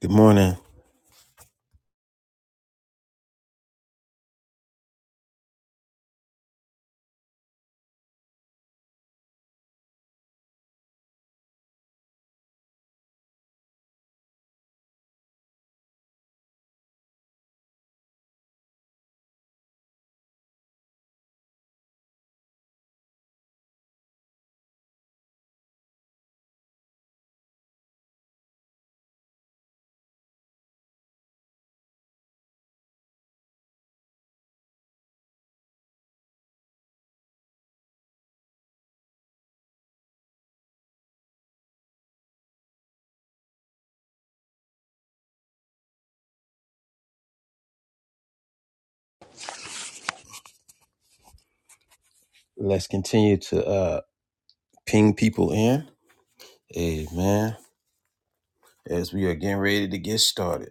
Good morning. Let's continue to uh, ping people in. Amen. As we are getting ready to get started.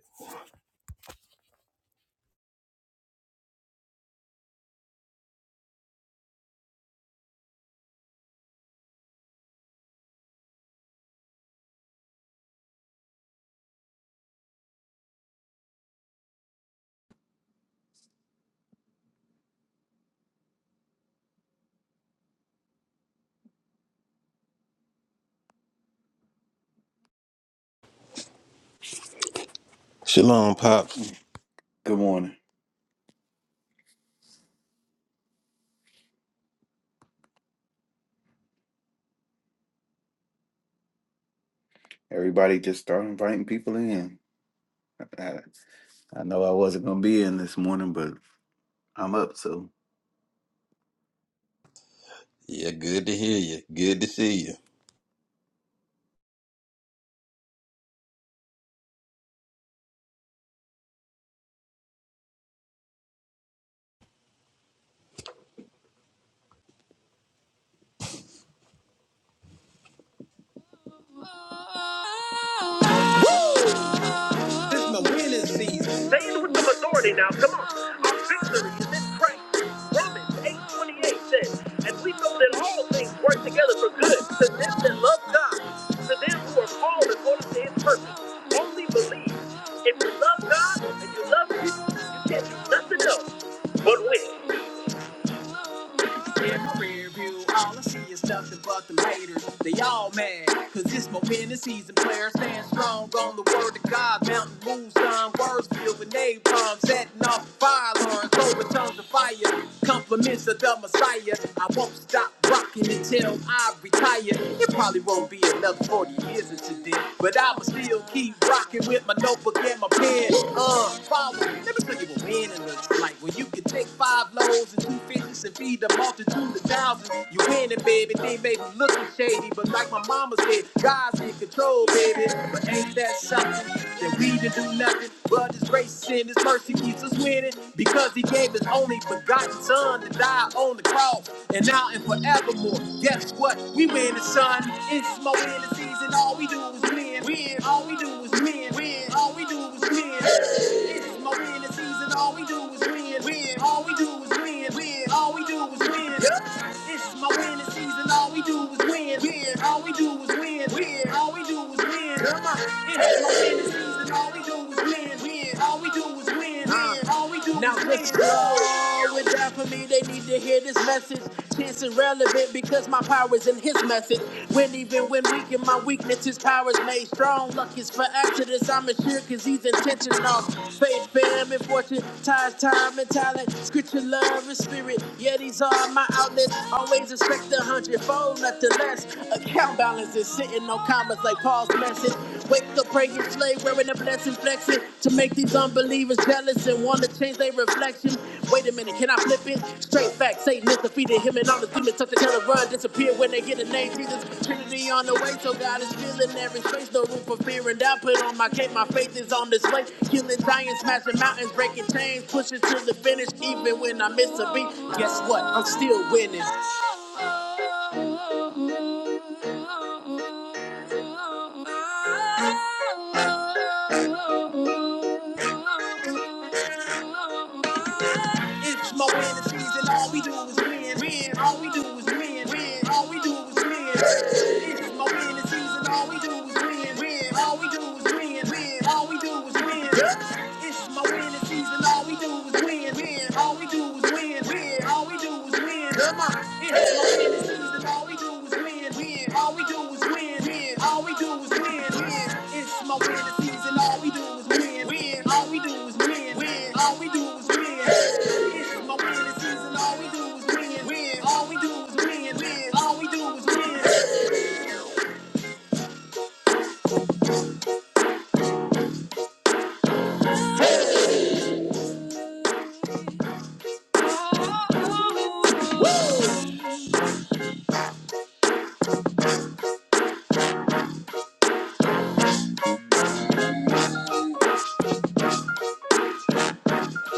Shalom, Pops. Mm. Good morning. Everybody just start inviting people in. I, I know I wasn't going to be in this morning, but I'm up, so. Yeah, good to hear you. Good to see you. This is my winning season. Say it with some authority now. Come on. Our victory is in Christ. Romans 8.28 says, And we know that all things work together for good to them that love God, to them who are called according to his purpose. Only believe. If you love God and you love you, you can't do nothing else but win. In my rear view, all I see is nothing but them haters. They all mad, cause it's my winning season. Players stand strong on the word of God. Mountain moves on, words filled with napalm. Setting off fire alarms, overtones of fire. Compliments of the Messiah. I won't stop rocking until I retire. It probably won't be another 40 years into this, but I I'ma still keep rocking with my notebook and my pen. Uh, follow me. Let me tell you what winning looks like. When you can take five loaves and two fishes and feed the multitude of thousands. You winning, baby. Thing may be looking shady, but like my mama said, God's in control, baby. But ain't that something? That we didn't do nothing but His grace and His mercy keeps us winning because He gave His only begotten Son to die on the cross and now and forevermore. Guess what? We win the sun. It's more in the season. All we do is win. Win. All we do is win. Win. All we do is win. It's more in the season. All we do is win. Win. All we do is win. Win. All we do is win. Yup. It's my winning season. All we do is win win, win. All we do is win, win. All we do is win. Come on. It ain't no end to season. All we do is win, win. All we do is win, Uh, win. All we do now is win. Now with that for me, they need to hear this message. This is relevant because my power's in his message. When even when when weak in my weakness, his power is made strong. Luck is for accidents, I'm assured, cause he's intentional. Faith, fam, and fortune, ties, time, and talent. Scripture, love, and spirit. Yeah, these are my outlets. Always expect a hundredfold, nothing less. Account balance is sitting on commas like Paul's message. Wake up, pray, and slave, wearing a blessing, flexing. To make these unbelievers jealous and want to change their reflection. Wait a minute, can I flip it? Straight facts, Satan is defeated. Him and all the demons touch the hell and run, disappear when they get a name. Jesus, Trinity on the way, so God is filling every space. No room for fear and doubt. Put on my cape, my faith is on display. Killing giants, smashing mountains, breaking chains, pushing to the finish. Even when I miss a beat, guess what? I'm still winning. It's more fantasies and all we do is win, win. All we do is win, win. All we do is win. It's more fantasies and all we do is win, win. All we do is win, win. All we do is win. It's more fantasies and all we do is win, win. all all we do is win. Win. All we do is win. Come on. It has not season. All we do is win. Win. All we do is win. Win. All we do is win. Win. It's my win season. All we do is win. Win. All we do is win. Win. All we do is win. It's my win season. All we do is win. Win. All we do is win. Win. All we do is win.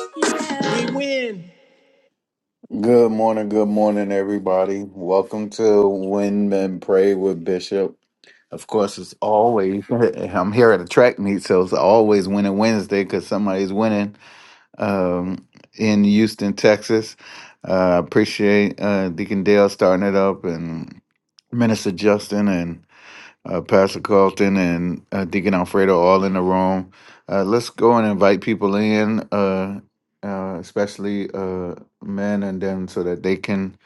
Woo! Yeah. Good morning. Good morning, everybody. Welcome to When Men Pray with Bishop. Of course, it's always, I'm here at a track meet, so it's always Winning Wednesday because somebody's winning um, in Houston, Texas. Uh, I appreciate uh, Deacon Dale starting it up and Minister Justin and. uh, Pastor Carlton and uh, Deacon Alfredo all in the room. Uh, let's go and invite people in, uh, uh, especially uh, men, and them, so that they can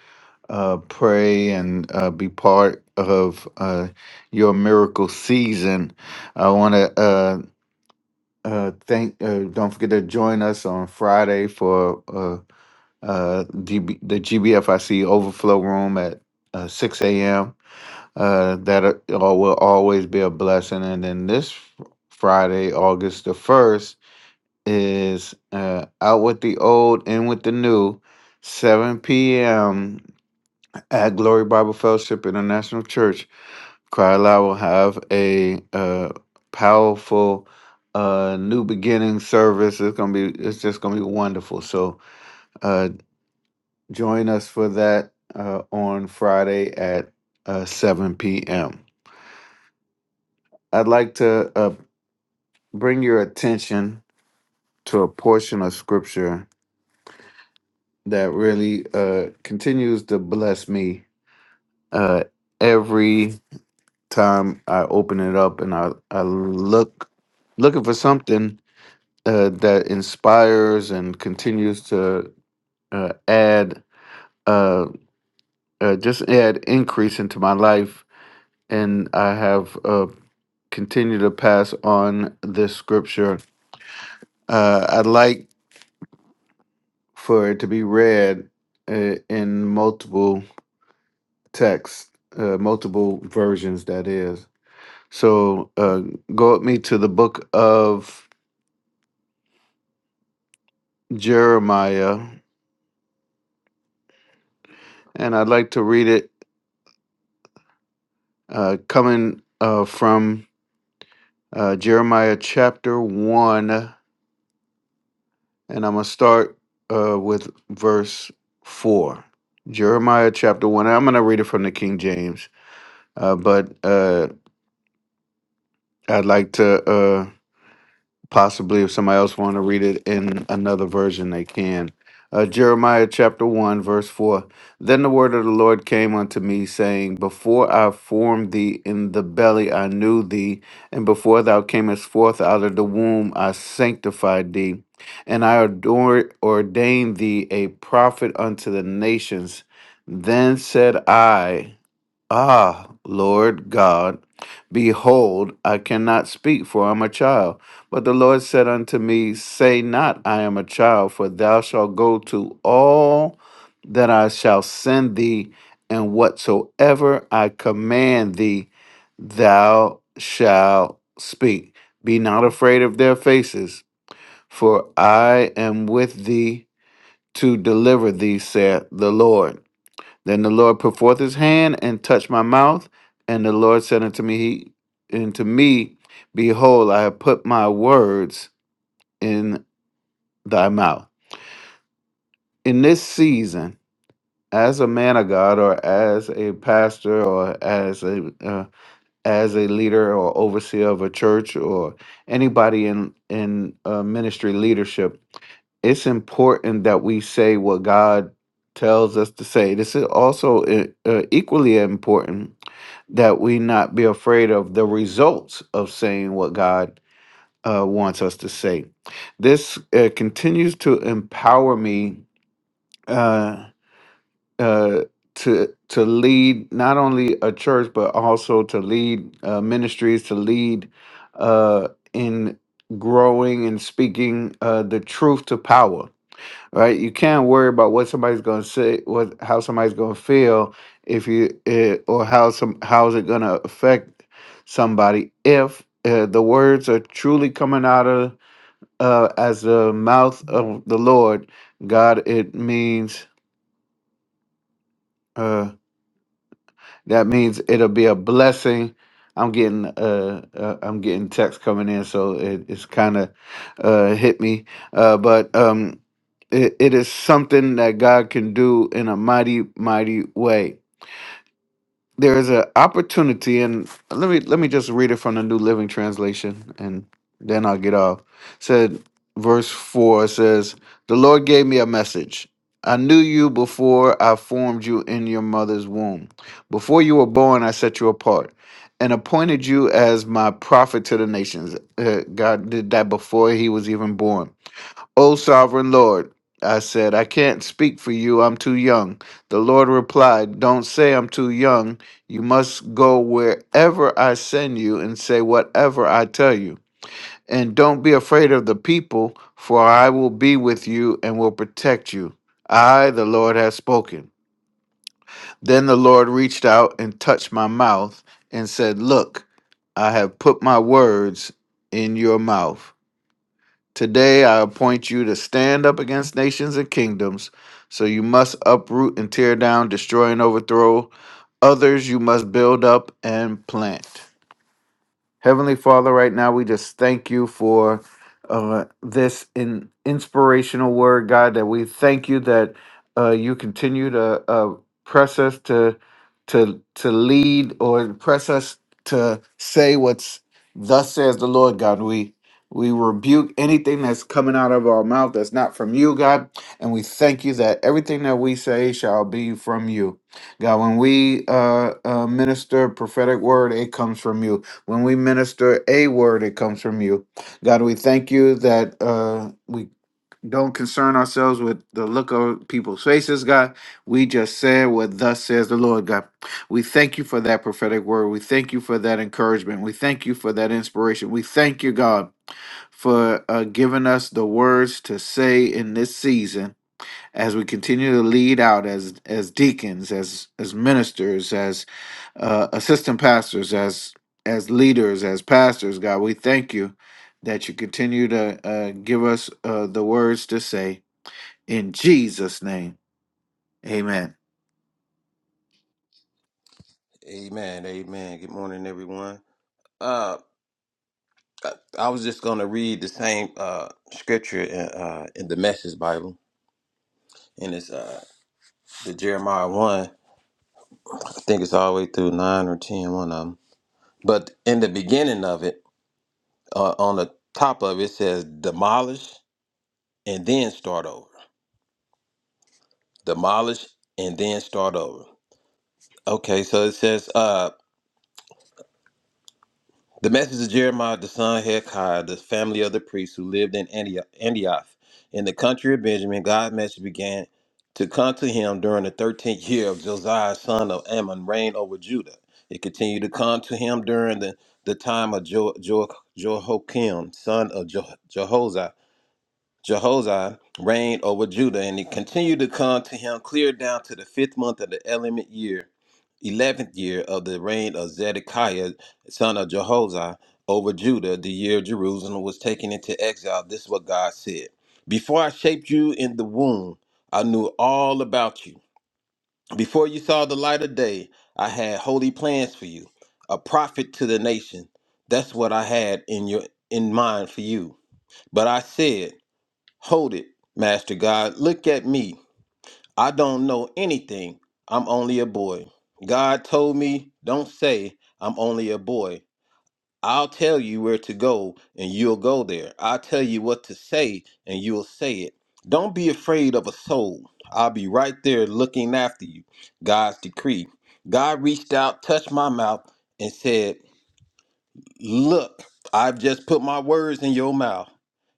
uh, pray and uh, be part of uh, your miracle season. I want to uh, uh, thank. Uh, don't forget to join us on Friday for uh, uh, GB, the GBFIC Overflow Room at uh, 6 a.m uh, that are- will always be a blessing. And then this Friday, August the 1st, is uh, Out with the Old, In with the New, 7 p.m. at Glory Bible Fellowship International Church. Cryla will have a uh, powerful uh, new beginning service. It's gonna be it's just gonna be wonderful. So uh, join us for that uh, on Friday at uh, 7 p.m. I'd like to uh, bring your attention to a portion of scripture that really uh, continues to bless me uh, every time I open it up and I, I look looking for something uh, that inspires and continues to uh, add uh, uh, just add increase into my life. And I have uh, continued to pass on this scripture. Uh, I like for it to be read uh, in multiple texts, uh, multiple versions, that is. So uh, go with me to the book of Jeremiah, and I'd like to read it uh, coming uh, from uh, Jeremiah chapter 1, and I'm going to start uh, with verse 4. Jeremiah chapter 1, I'm going to read it from the King James, uh, but uh, I'd like to. Uh, possibly if somebody else want to read it in another version they can uh, jeremiah chapter 1 verse 4 then the word of the lord came unto me saying before i formed thee in the belly i knew thee and before thou camest forth out of the womb i sanctified thee and i ador- ordained thee a prophet unto the nations then said i Ah, Lord God, behold, I cannot speak, for I am a child. But the Lord said unto me, Say not, I am a child, for thou shalt go to all that I shall send thee, and whatsoever I command thee, thou shalt speak. Be not afraid of their faces, for I am with thee to deliver thee, saith the Lord. Then the Lord put forth his hand and touched my mouth, and the Lord said unto me, he, unto me, Behold, I have put my words in thy mouth. In this season, as a man of God, or as a pastor, or as a uh, as a leader or overseer of a church, or anybody in in uh, ministry leadership, it's important that we say what God tells us to say. This is also uh, uh, equally important that we not be afraid of the results of saying what God uh, wants us to say. This uh, continues to empower me uh, uh, to to lead not only a church but also to lead uh, ministries, to lead uh, in growing and speaking uh, the truth to power right? You can't worry about what somebody's going to say, what how somebody's going to feel if you eh, or how some how is it going to affect somebody if uh, the words are truly coming out of uh, as the mouth of the Lord God. It means. Uh, That means it'll be a blessing. I'm getting uh, uh I'm getting texts coming in, so it, it's kind of uh hit me. Uh, but um, it, it is something that God can do in a mighty mighty way there is an opportunity and let me let me just read it from the new living translation and then i'll get off said verse 4 says the lord gave me a message i knew you before i formed you in your mother's womb before you were born i set you apart and appointed you as my prophet to the nations Uh, god did that before he was even born O sovereign Lord, I said, I can't speak for you, I'm too young. The Lord replied, Don't say I'm too young. You must go wherever I send you and say whatever I tell you. And don't be afraid of the people, for I will be with you and will protect you. I, the Lord, have spoken. Then the Lord reached out and touched my mouth and said, Look, I have put my words in your mouth. Today I appoint you to stand up against nations and kingdoms. So you must uproot and tear down, destroy and overthrow. Others you must build up and plant. Heavenly Father, right now we just thank you for uh, this in inspirational word, God. That we thank you that uh, you continue to uh, press us to to to lead or press us to say what's thus says the Lord, God. We we rebuke anything that's coming out of our mouth that's not from you, God, and we thank you that everything that we say shall be from you, God. When we uh, uh, minister prophetic word, it comes from you when we minister a word, it comes from you. God, we thank you that uh, we don't concern ourselves with the look of people's faces, God. We just said what thus says the Lord, God. We thank you for that prophetic word. We thank you for that encouragement. We thank you for that inspiration. We thank you, God, for uh, giving us the words to say in this season as we continue to lead out as as deacons, as as ministers, as uh, assistant pastors, as as leaders, as pastors, God, we thank you that you continue to uh, give us uh, the words to say in Jesus' name. Amen. Amen. Amen. Good morning, everyone. Uh, I, I was just going to read the same uh, scripture in, uh, in the Message Bible, and it's uh, the Jeremiah one. I think it's all the way through nine or ten, one of them. But in the beginning of it, uh, on the top of it it says demolish and then start over. Demolish and then start over. Okay, so it says. Uh, The message of Jeremiah, the son of Hekiah, the family of the priests who lived in Antio- Antioch, in the country of Benjamin, God's message began to come to him during the 13th year of Josiah, son of Ammon, reign over Judah. It continued to come to him during the, the time of jo- jo- Jehoiakim, son of jo- Jehoshaphat, Jehoshaphat reigned over Judah, and it continued to come to him clear down to the fifth month of the eleventh year, eleventh year of the reign of Zedekiah, son of Jehoshaphat, over Judah, the year Jerusalem was taken into exile. This is what God said: Before I shaped you in the womb, I knew all about you. Before you saw the light of day, I had holy plans for you, a prophet to the nation. That's what I had in your in mind for you. But I said. Hold it, Master God. Look at me. I don't know anything. I'm only a boy. God told me, don't say I'm only a boy. I'll tell you where to go and you'll go there. I'll tell you what to say and you'll say it. Don't be afraid of a soul. I'll be right there looking after you. God's decree. God reached out, touched my mouth, and said, Look, I've just put my words in your mouth,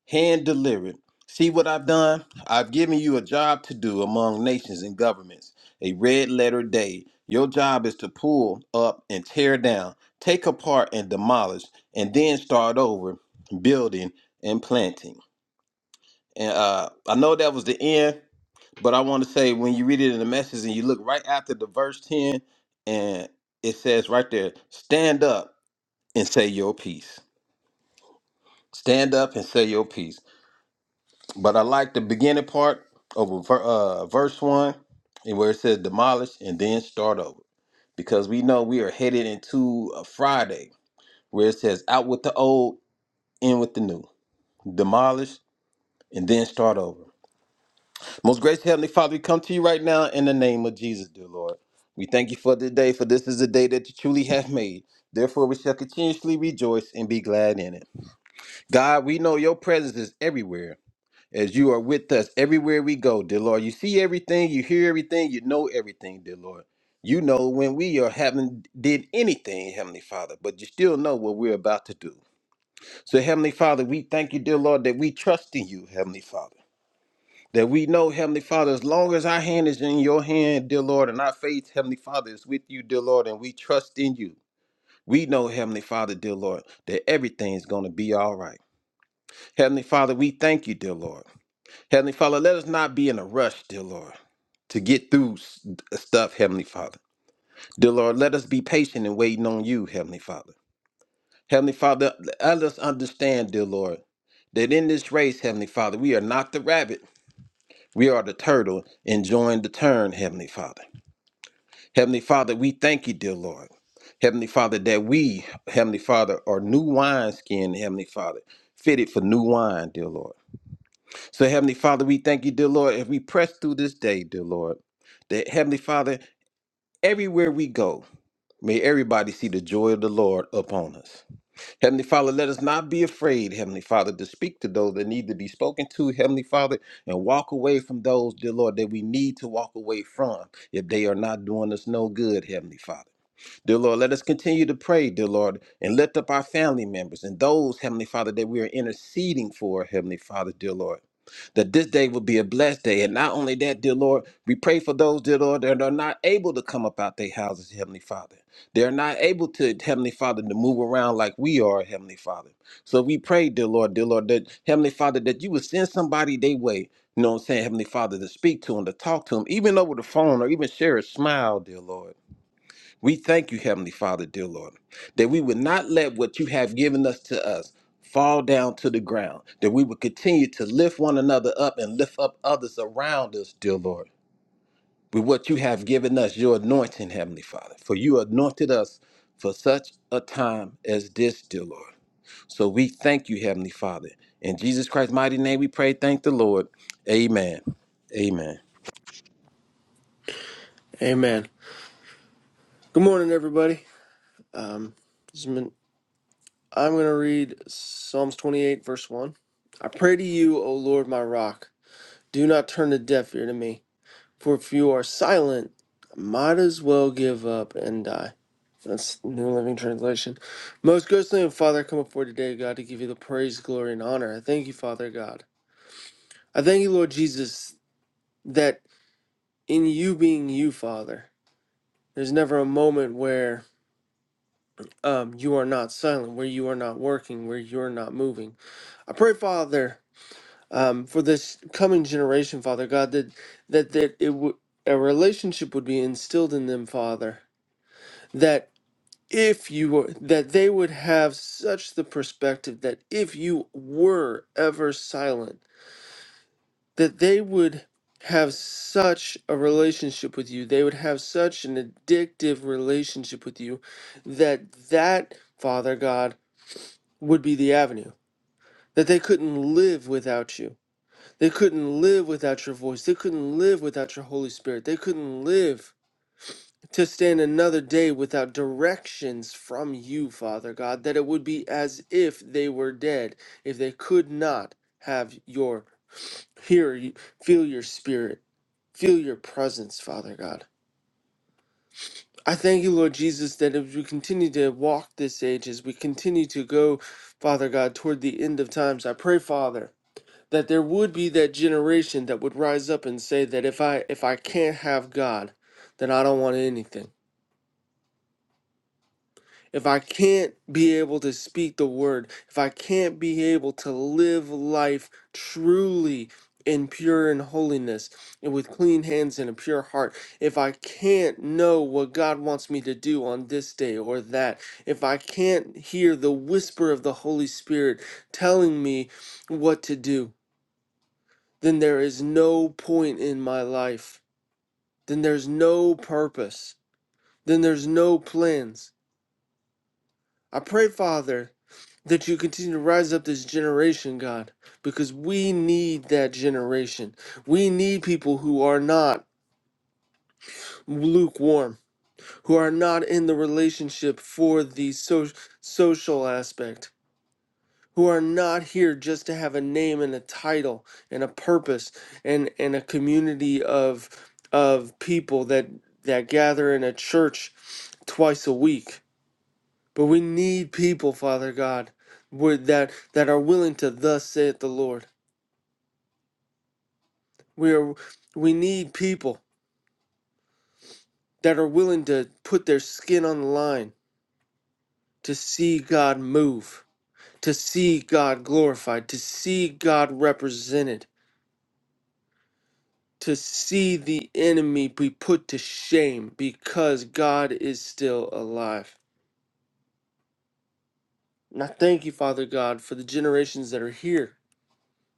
hand delivered. See what I've done? I've given you a job to do among nations and governments, a red letter day. Your job is to pull up and tear down, take apart and demolish, and then start over building and planting. And uh, I know that was the end, but I want to say when you read it in the message and you look right after the verse 10, and it says right there, stand up and say your piece. Stand up and say your piece. But I like the beginning part over ver- uh, verse one, and where it says demolish and then start over, because we know we are headed into a Friday where it says out with the old, in with the new, demolish and then start over. Most gracious heavenly Father, we come to you right now in the name of Jesus, dear Lord. We thank you for this day, for this is the day that you truly have made. Therefore, we shall continuously rejoice and be glad in it. God, we know your presence is everywhere. as you are with us everywhere we go, dear Lord. You see everything, you hear everything, you know everything, dear Lord. You know when we are haven't did anything, Heavenly Father, but you still know what we're about to do. So, Heavenly Father, we thank you, dear Lord, that we trust in you, Heavenly Father. That we know, Heavenly Father, as long as our hand is in your hand, dear Lord, and our faith, Heavenly Father, is with you, dear Lord, and we trust in you. We know, Heavenly Father, dear Lord, that everything's going to be all right. Heavenly Father, we thank you, dear Lord. Heavenly Father, let us not be in a rush, dear Lord, to get through s- uh, stuff, Heavenly Father. Dear Lord, let us be patient and waiting on you, Heavenly Father. Heavenly Father, let us understand, dear Lord, that in this race, Heavenly Father, we are not the rabbit. We are the turtle enjoying the turn, Heavenly Father. Heavenly Father, we thank you, dear Lord. Heavenly Father, that we, Heavenly Father, are new wine skin, Heavenly Father, fitted for new wine, dear Lord. So, Heavenly Father, we thank you, dear Lord, as we press through this day, dear Lord, that Heavenly Father, everywhere we go, may everybody see the joy of the Lord upon us. Heavenly Father, let us not be afraid, Heavenly Father, to speak to those that need to be spoken to, Heavenly Father, and walk away from those, dear Lord, that we need to walk away from if they are not doing us no good, Heavenly Father. Dear Lord, let us continue to pray, dear Lord, and lift up our family members and those, Heavenly Father, that we are interceding for, Heavenly Father, dear Lord. That this day will be a blessed day. And not only that, dear Lord, we pray for those, dear Lord, that are not able to come up out their houses, Heavenly Father. They're not able to, Heavenly Father, to move around like we are, Heavenly Father. So we pray, dear Lord, dear Lord, that Heavenly Father, that you would send somebody their way, you know what I'm saying, Heavenly Father, to speak to them, to talk to them, even over the phone or even share a smile, dear Lord. We thank you, Heavenly Father, dear Lord, that we would not let what you have given us to us fall down to the ground, that we would continue to lift one another up and lift up others around us, dear Lord, with what you have given us, your anointing, Heavenly Father. For you anointed us for such a time as this, dear Lord. So we thank you, Heavenly Father. In Jesus Christ's mighty name we pray, thank the Lord. Amen. Amen. Amen. Good morning, everybody. Um, this has been- I'm going to read Psalms 28, verse 1. I pray to you, O Lord, my rock. Do not turn a deaf ear to me. For if you are silent, I might as well give up and die. That's New Living Translation. Most ghostly and Father, come before today, God, to give you the praise, glory, and honor. I thank you, Father God. I thank you, Lord Jesus, that in you being you, Father, there's never a moment where um, you are not silent, where you are not working, where you are not moving. I pray, Father, um, for this coming generation, Father God, that that that it would a relationship would be instilled in them, Father, that if you were that they would have such the perspective that if you were ever silent, that they would have such a relationship with you they would have such an addictive relationship with you that that father god would be the avenue that they couldn't live without you. They couldn't live without your voice. They couldn't live without your Holy Spirit. They couldn't live to stand another day without directions from you, Father God, that it would be as if they were dead, if they could not have your hear, you- feel your spirit, feel your presence, Father God. I thank you, Lord Jesus, that as we continue to walk this age, as we continue to go, Father God, toward the end of times, I pray, Father. that there would be that generation that would rise up and say that if I if I can't have God, then I don't want anything. If I can't be able to speak the word, if I can't be able to live life truly in pure and holiness and with clean hands and a pure heart, if I can't know what God wants me to do on this day or that, if I can't hear the whisper of the Holy Spirit telling me what to do, then there is no point in my life. Then there's no purpose. Then there's no plans. I pray, Father, that you continue to rise up this generation, God, because we need that generation. We need people who are not lukewarm, who are not in the relationship for the so- social aspect who are not here just to have a name and a title and a purpose and and a community of of people that that gather in a church twice a week but we need people father god with that that are willing to thus saith the lord we are we need people that are willing to put their skin on the line to see god move to see god glorified to see god represented to see the enemy be put to shame because God is still alive. And I thank you, Father God, for the generations that are here.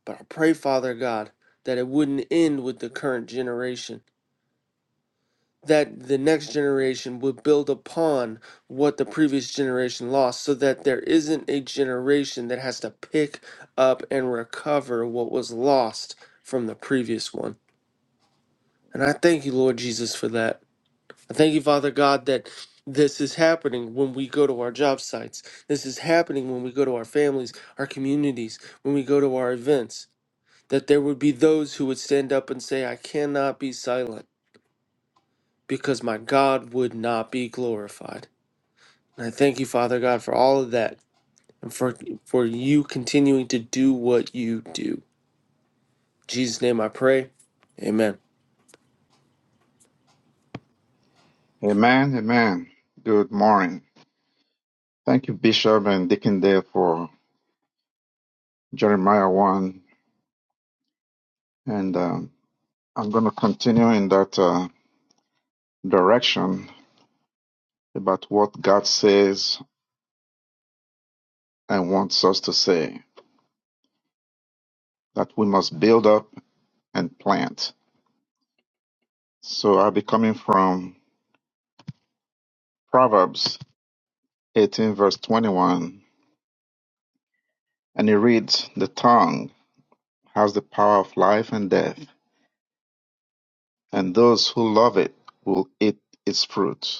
But I pray, Father God, that it wouldn't end with the current generation, that the next generation would build upon what the previous generation lost, so that there isn't a generation that has to pick up and recover what was lost from the previous one. And I thank you, Lord Jesus, for that. I thank you, Father God, that this is happening when we go to our job sites. This is happening when we go to our families, our communities, when we go to our events. That there would be those who would stand up and say, I cannot be silent because my God would not be glorified. And I thank you, Father God, for all of that and for, for you continuing to do what you do. In Jesus' name I pray. Amen. Amen, amen. Good morning. Thank you, Bishop and Deacon Dale, for Jeremiah 1. And um, I'm going to continue in that uh, direction about what God says and wants us to say, that we must build up and plant. So I'll be coming from Proverbs 18, verse 21. And it reads, The tongue has the power of life and death, and those who love it will eat its fruit.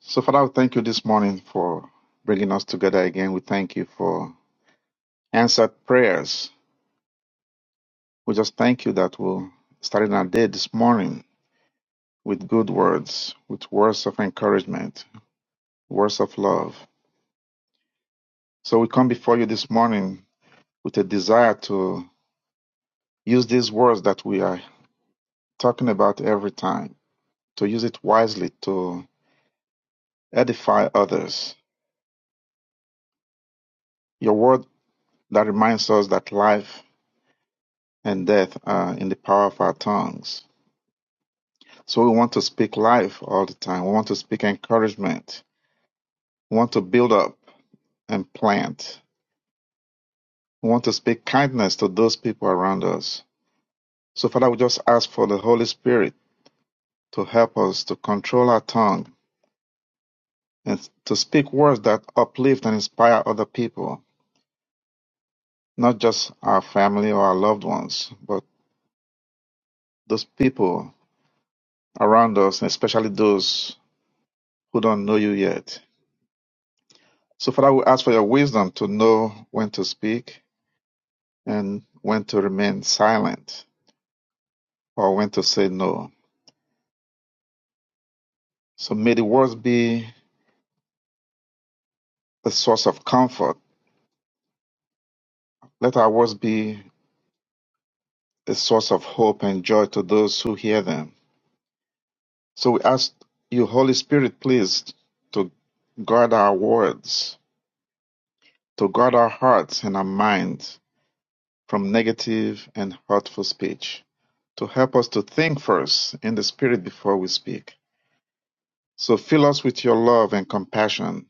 So, Father, we thank you this morning for bringing us together again. We thank you for answered prayers. We just thank you that we're starting our day this morning with good words, with words of encouragement, words of love. So, we come before you this morning with a desire to use these words that we are talking about every time, to use it wisely to edify others. Your word that reminds us that life and death are in the power of our tongues So we want to speak life all the time. We want to speak encouragement. We want to build up and plant. We want to speak kindness to those people around us. So, Father, we just ask for the Holy Spirit to help us to control our tongue and to speak words that uplift and inspire other people, not just our family or our loved ones, but those people around us, and especially those who don't know you yet. So, Father, we ask for your wisdom to know when to speak and when to remain silent or when to say no. So may the words be a source of comfort. Let our words be a source of hope and joy to those who hear them. So we ask you, Holy Spirit, please, to guard our words, to guard our hearts and our minds from negative and hurtful speech, to help us to think first in the Spirit before we speak. So fill us with your love and compassion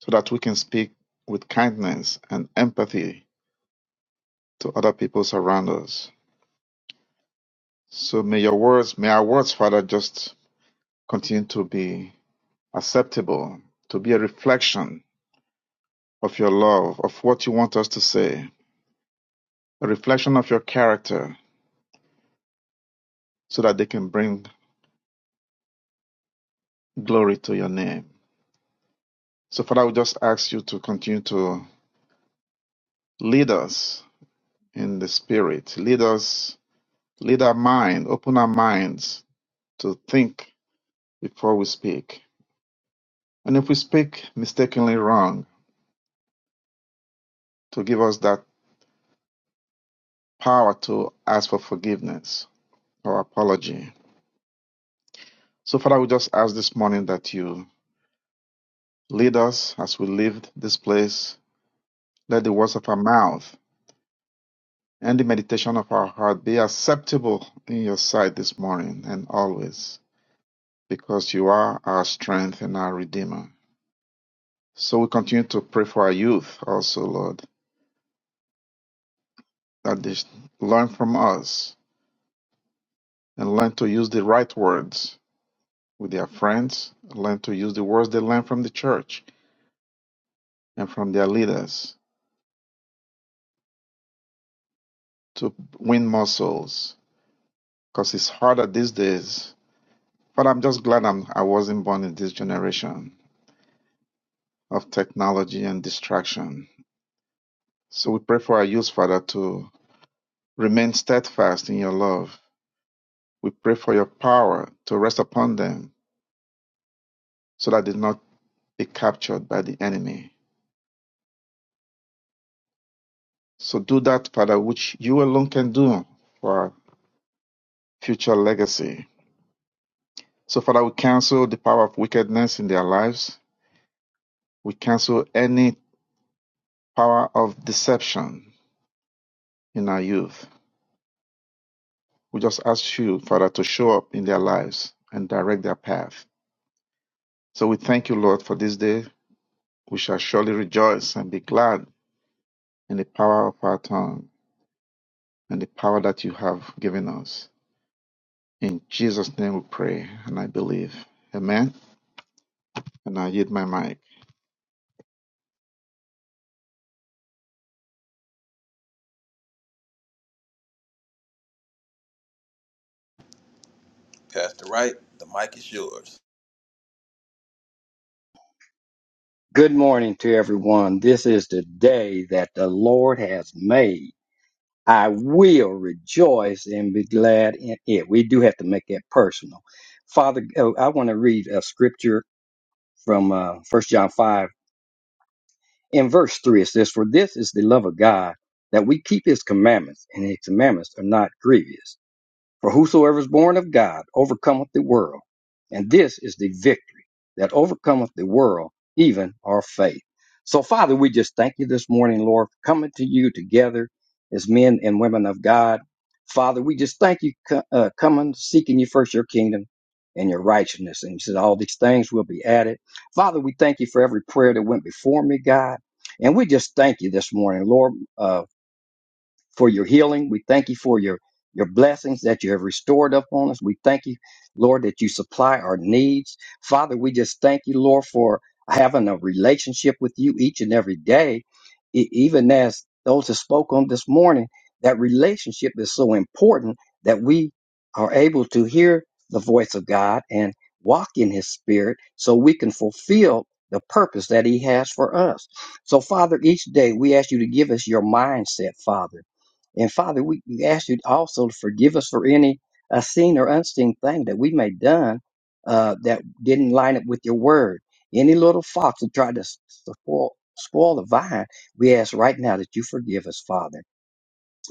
so that we can speak with kindness and empathy to other people around us. So may your words, may our words, Father, just continue to be acceptable, to be a reflection of your love, of what you want us to say, a reflection of your character, so that they can bring glory to your name. So, Father, we just ask you to continue to lead us in the Spirit, lead us, lead our mind, open our minds to think before we speak And if we speak mistakenly wrong, to give us that power to ask for forgiveness or apology. So, Father, we just ask this morning that you lead us as we leave this place. Let the words of our mouth and the meditation of our heart be acceptable in your sight this morning and always, because you are our strength and our Redeemer. So, we continue to pray for our youth also, Lord, that they learn from us and learn to use the right words With their friends, learn to use the words they learn from the church and from their leaders to win more souls. Because it's harder these days. But I'm just glad I'm, I wasn't born in this generation of technology and distraction. So we pray for our youth, Father, to remain steadfast in your love. We pray for your power to rest upon them so that they not be captured by the enemy. So do that, Father, which you alone can do for our future legacy. So, Father, we cancel the power of wickedness in their lives. We cancel any power of deception in our youth. We just ask you, Father, to show up in their lives and direct their path. So, we thank you, Lord, for this day. We shall surely rejoice and be glad in the power of our tongue and the power that you have given us. In Jesus' name we pray and I believe. Amen. And I yield my mic. Good morning to everyone. This is the day that the Lord has made. I will rejoice and be glad in it. We do have to make that personal. Father, oh, I want to read a scripture from uh, 1 John 5. In verse 3, it says, For this is the love of God, that we keep his commandments, and his commandments are not grievous. For whosoever is born of God overcometh the world. And this is the victory that overcometh the world, even our faith. So, Father, we just thank you this morning, Lord, for coming to you together as men and women of God. Father, we just thank you co- uh, coming, seeking you first, your kingdom and your righteousness. And you said all these things will be added. Father, we thank you for every prayer that went before me, God. And we just thank you this morning, Lord. Uh, for your healing. We thank you for your your blessings that you have restored upon us. We thank you, Lord, that you supply our needs. Father, we just thank you, Lord, for having a relationship with you each and every day. E- even as those that spoke on this morning, that relationship is so important that we are able to hear the voice of God and walk in his spirit so we can fulfill the purpose that he has for us. So, Father, each day we ask you to give us your mindset, Father and Father, we we ask you also to forgive us for any uh, seen or unseen thing that we may done uh, that didn't line up with your word. Any little fox that tried to s- spoil, spoil the vine, we ask right now that you forgive us, Father.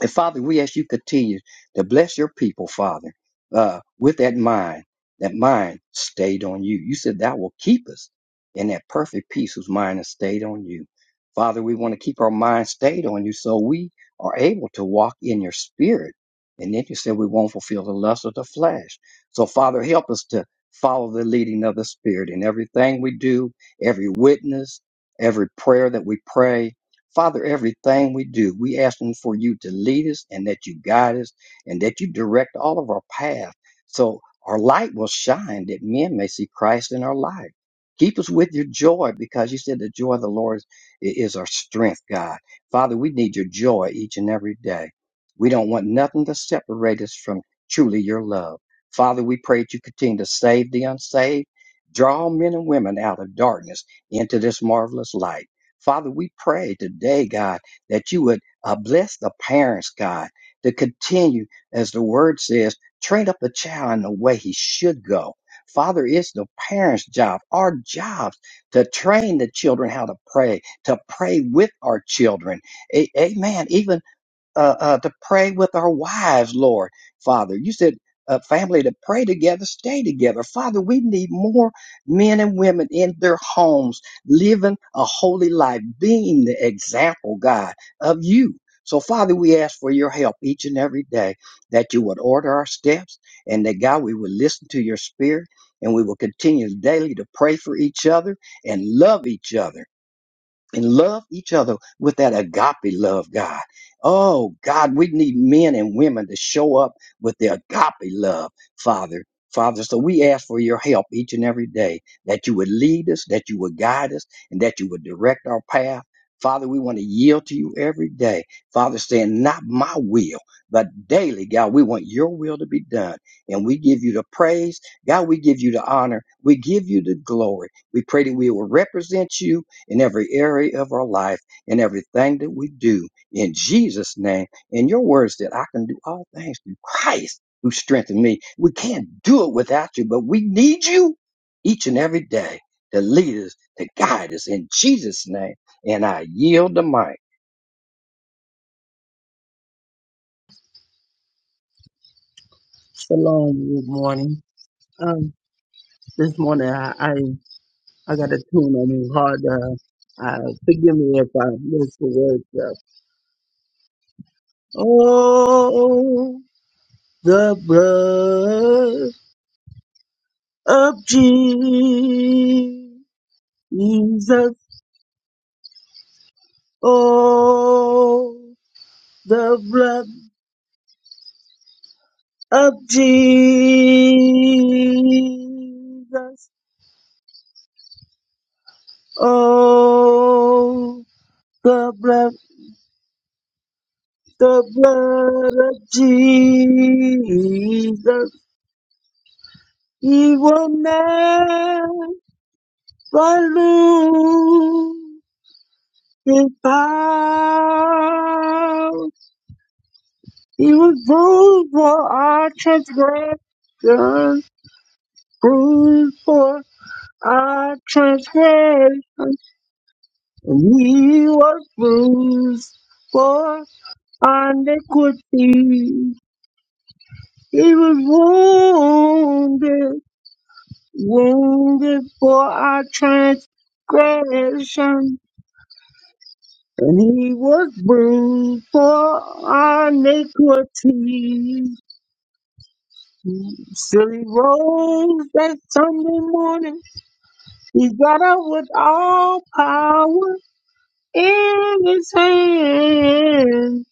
And Father, we ask you continue to bless your people, Father, uh, with that mind, that mind stayed on you. You said that will keep us in that perfect peace whose mind is stayed on you. Father, we want to keep our mind stayed on you so we are able to walk in your spirit. And then you said we won't fulfill the lust of the flesh. So, Father, help us to follow the leading of the spirit in everything we do, every witness, every prayer that we pray, Father, everything we do, we asking for you to lead us and that you guide us and that you direct all of our path so our light will shine that men may see Christ in our life. Keep us with your joy because you said the joy of the Lord i- is our strength, God. Father, we need your joy each and every day. We don't want nothing to separate us from truly your love. Father, we pray that you continue to save the unsaved, draw men and women out of darkness into this marvelous light. Father, we pray today, God, that you would uh, bless the parents, God, to continue, as the word says, train up a child in the way he should go. Father, it's the parents' job, our jobs, to train the children how to pray, to pray with our children. A- amen. Even uh, uh, to pray with our wives, Lord, Father. You said uh, family to pray together, stay together. Father, we need more men and women in their homes, living a holy life, being the example, God, of you. So, Father, we ask for your help each and every day that you would order our steps and that, God, we would listen to your spirit and we will continue daily to pray for each other and love each other and love each other with that agape love, God. Oh, God, we need men and women to show up with their agape love, Father. Father, so we ask for your help each and every day that you would lead us, that you would guide us, and that you would direct our path. Father, we want to yield to you every day. Father, saying, not my will, but daily, God, we want your will to be done. And we give you the praise. God, we give you the honor. We give you the glory. We pray that we will represent you in every area of our life, in everything that we do, in Jesus' name. in your words that I can do all things through Christ who strengthened me. We can't do it without you, but we need you each and every day to lead us, to guide us in Jesus' name. And I yield the mic. Shalom. Good morning. Um, this morning I I, I got a tune on me hard. Uh, uh, forgive me if I miss the words. Uh, oh, the blood of Jesus. Oh, the blood of Jesus. Oh, the blood The blood of Jesus, he will never lose his power. He was bruised for our transgressions, bruised for our transgressions, and he was bruised for our iniquities. He was wounded wounded for our transgression, and he was bruised for our iniquities. Still he rose that Sunday morning. He got up with all power in his hand.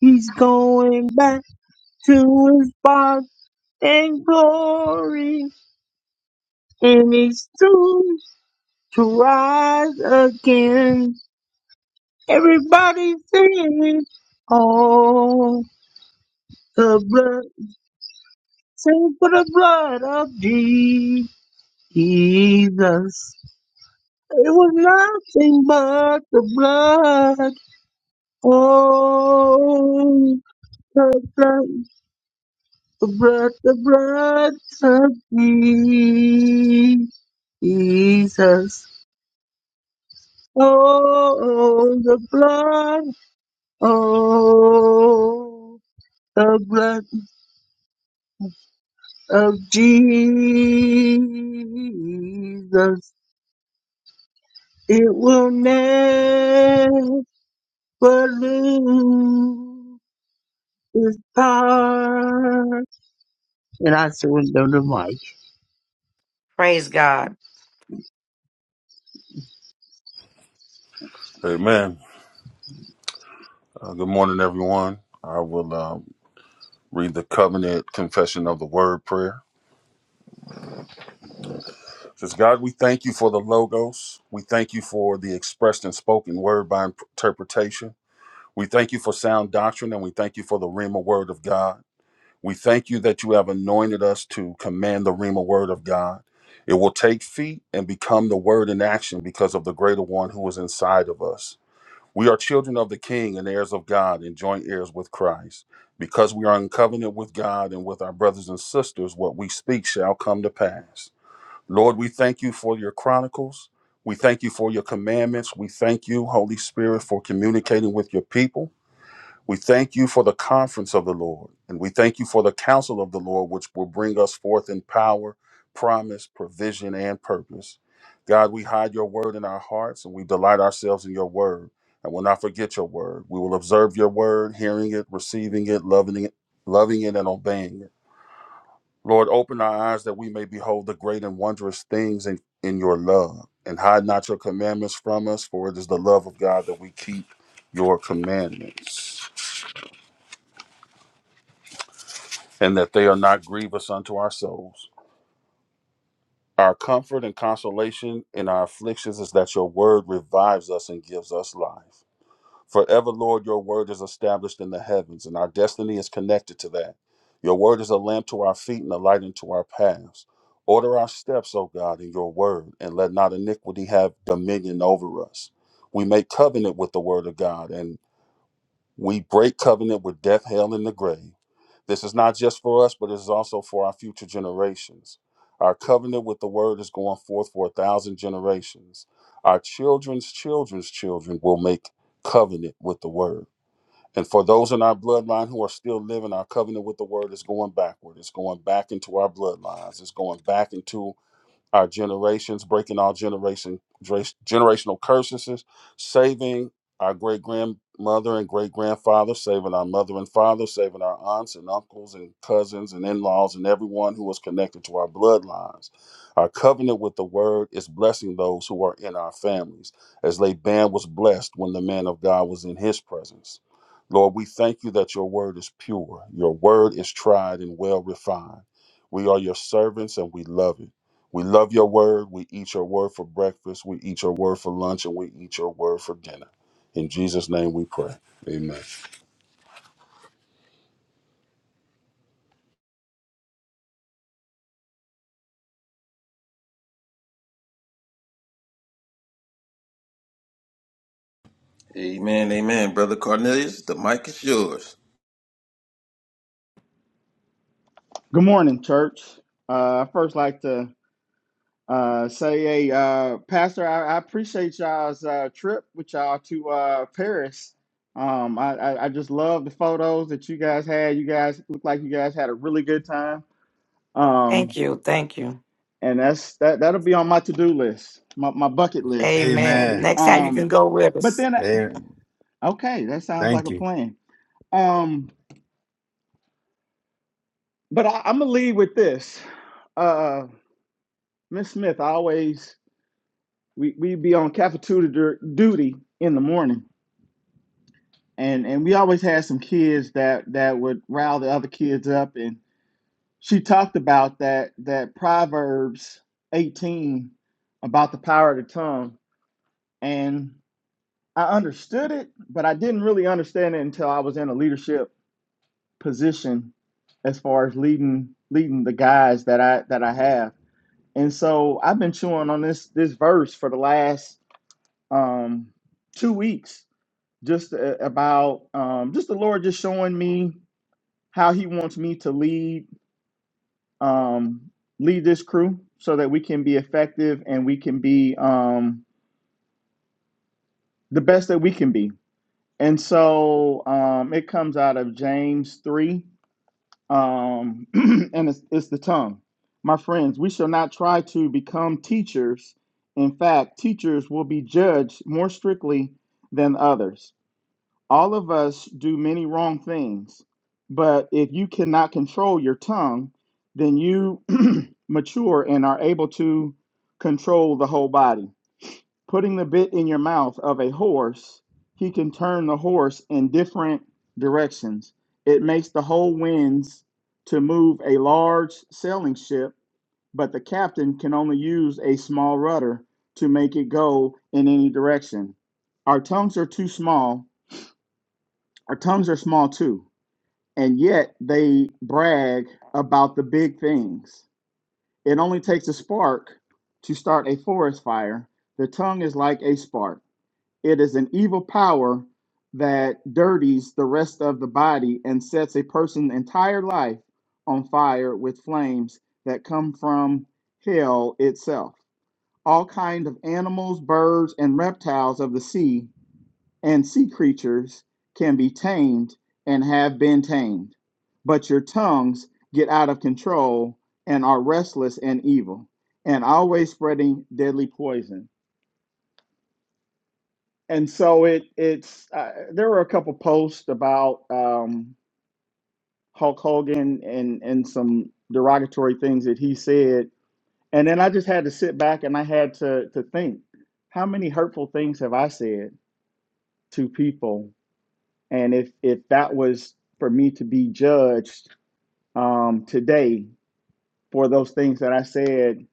He's going back to his Father in glory, and he's soon to rise again. Everybody sing. Oh, the blood. Sing for the blood of Jesus. It was nothing but the blood. Oh, the blood, the blood, the blood of Jesus. Oh, the blood. Oh, the blood. of Jesus, it will never lose its power. And I surrender the mic. Praise God. Amen. Uh, good morning, everyone. I will uh, read the covenant confession of the word prayer. It says, God, we thank you for the logos. We thank you for the expressed and spoken word by interpretation. We thank you for sound doctrine, and we thank you for the Rhema word of God. We thank you that you have anointed us to command the Rhema word of God. It will take feet and become the word in action because of the greater one who is inside of us. We are children of the King and heirs of God and joint heirs with Christ. Because we are in covenant with God and with our brothers and sisters, what we speak shall come to pass. Lord, we thank you for your chronicles. We thank you for your commandments. We thank you, Holy Spirit, for communicating with your people. We thank you for the conference of the Lord, and we thank you for the counsel of the Lord, which will bring us forth in power, promise, provision, and purpose. God, we hide your word in our hearts, and we delight ourselves in your word, and will not forget your word. We will observe your word, hearing it, receiving it, loving it, loving it, and obeying it. Lord, open our eyes that we may behold the great and wondrous things in, in your love, and hide not your commandments from us, for it is the love of God that we keep your commandments. and that they are not grievous unto our souls. Our comfort and consolation in our afflictions is that your word revives us and gives us life. Forever, Lord, your word is established in the heavens, and our destiny is connected to that. Your word is a lamp to our feet and a light into our paths. Order our steps, O God, in your word, and let not iniquity have dominion over us. We make covenant with the word of God, and we break covenant with death, hell, and the grave. This is not just for us, but it is also for our future generations. Our covenant with the word is going forth for a thousand generations. Our children's children's children will make covenant with the word. And for those in our bloodline who are still living, our covenant with the word is going backward. It's going back into our bloodlines. It's going back into our generations, breaking all generation dra- generational curses, saving our great grandmother and great grandfather, saving our mother and father, saving our aunts and uncles and cousins and in laws and everyone who was connected to our bloodlines. Our covenant with the word is blessing those who are in our families, as Laban was blessed when the man of God was in his presence. Lord, we thank you that your word is pure, your word is tried and well refined. We are your servants and we love it. We love your word. We eat your word for breakfast. We eat your word for lunch, and we eat your word for dinner. In Jesus' name, we pray. Amen. Amen. Amen. Brother Cornelius, the mic is yours. Good morning, church. Uh, I first like to uh, say, hey, uh, Pastor, I, I appreciate y'all's uh, trip with y'all to uh, Paris. Um, I, I, I just love the photos that you guys had. You guys look like you guys had a really good time. Thank Um, you. Thank you. and that's that. That'll be on my to-do list, my, my bucket list. Amen. Amen. Next time you can Um, go with but us. then, I, Amen. okay, that sounds like Thank a you. plan. Um, but I, I'm gonna lead with this. Uh, Miss Smith, always we we would be on cafeteria duty in the morning, and and we always had some kids that that would rile the other kids up, and she talked about that that Proverbs eighteen about the power of the tongue, and I understood it, but I didn't really understand it until I was in a leadership position, as far as leading leading the guys that I that I have, and so I've been chewing on this this verse for the last um two weeks just uh, about um, just the Lord just showing me how He wants me to lead um, lead this crew so that we can be effective and we can be um, the best that we can be. And so um, it comes out of James three, um, and it's, it's the tongue. My friends, we shall not try to become teachers. In fact, teachers will be judged more strictly than others. All of us do many wrong things, but if you cannot control your tongue, then you mature and are able to control the whole body. Putting the bit in your mouth of a horse, he can turn the horse in different directions. It makes the whole winds to move a large sailing ship, but the captain can only use a small rudder to make it go in any direction. Our tongues are too small our tongues are small too, and yet they brag about the big things. It only takes a spark to start a forest fire. The tongue is like a spark, it is an evil power that dirties the rest of the body and sets a person's entire life on fire with flames that come from hell itself. All kinds of animals, birds, and reptiles of the sea and sea creatures can be tamed and have been tamed, but your tongues get out of control and are restless and evil and always spreading deadly poison. And so it it's uh, there were a couple posts about um, Hulk Hogan and and some derogatory things that he said, and then I just had to sit back and I had to to think, how many hurtful things have I said to people And if if that was for me to be judged um, today for those things that I said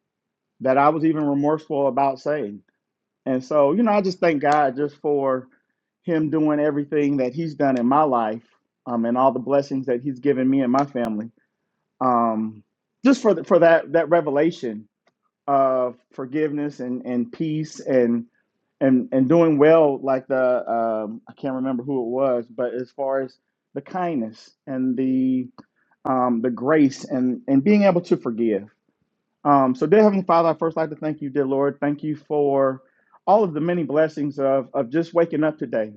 that I was even remorseful about saying, and so you know, I just thank God just for Him doing everything that He's done in my life um, and all the blessings that He's given me and my family. Um, just for the, for that that revelation of forgiveness and, and peace and and and doing well like the um, I can't remember who it was, but as far as the kindness and the um, the grace and and being able to forgive. Um, so, dear Heavenly Father, I first like to thank you, dear Lord. Thank you for all of the many blessings of of just waking up today.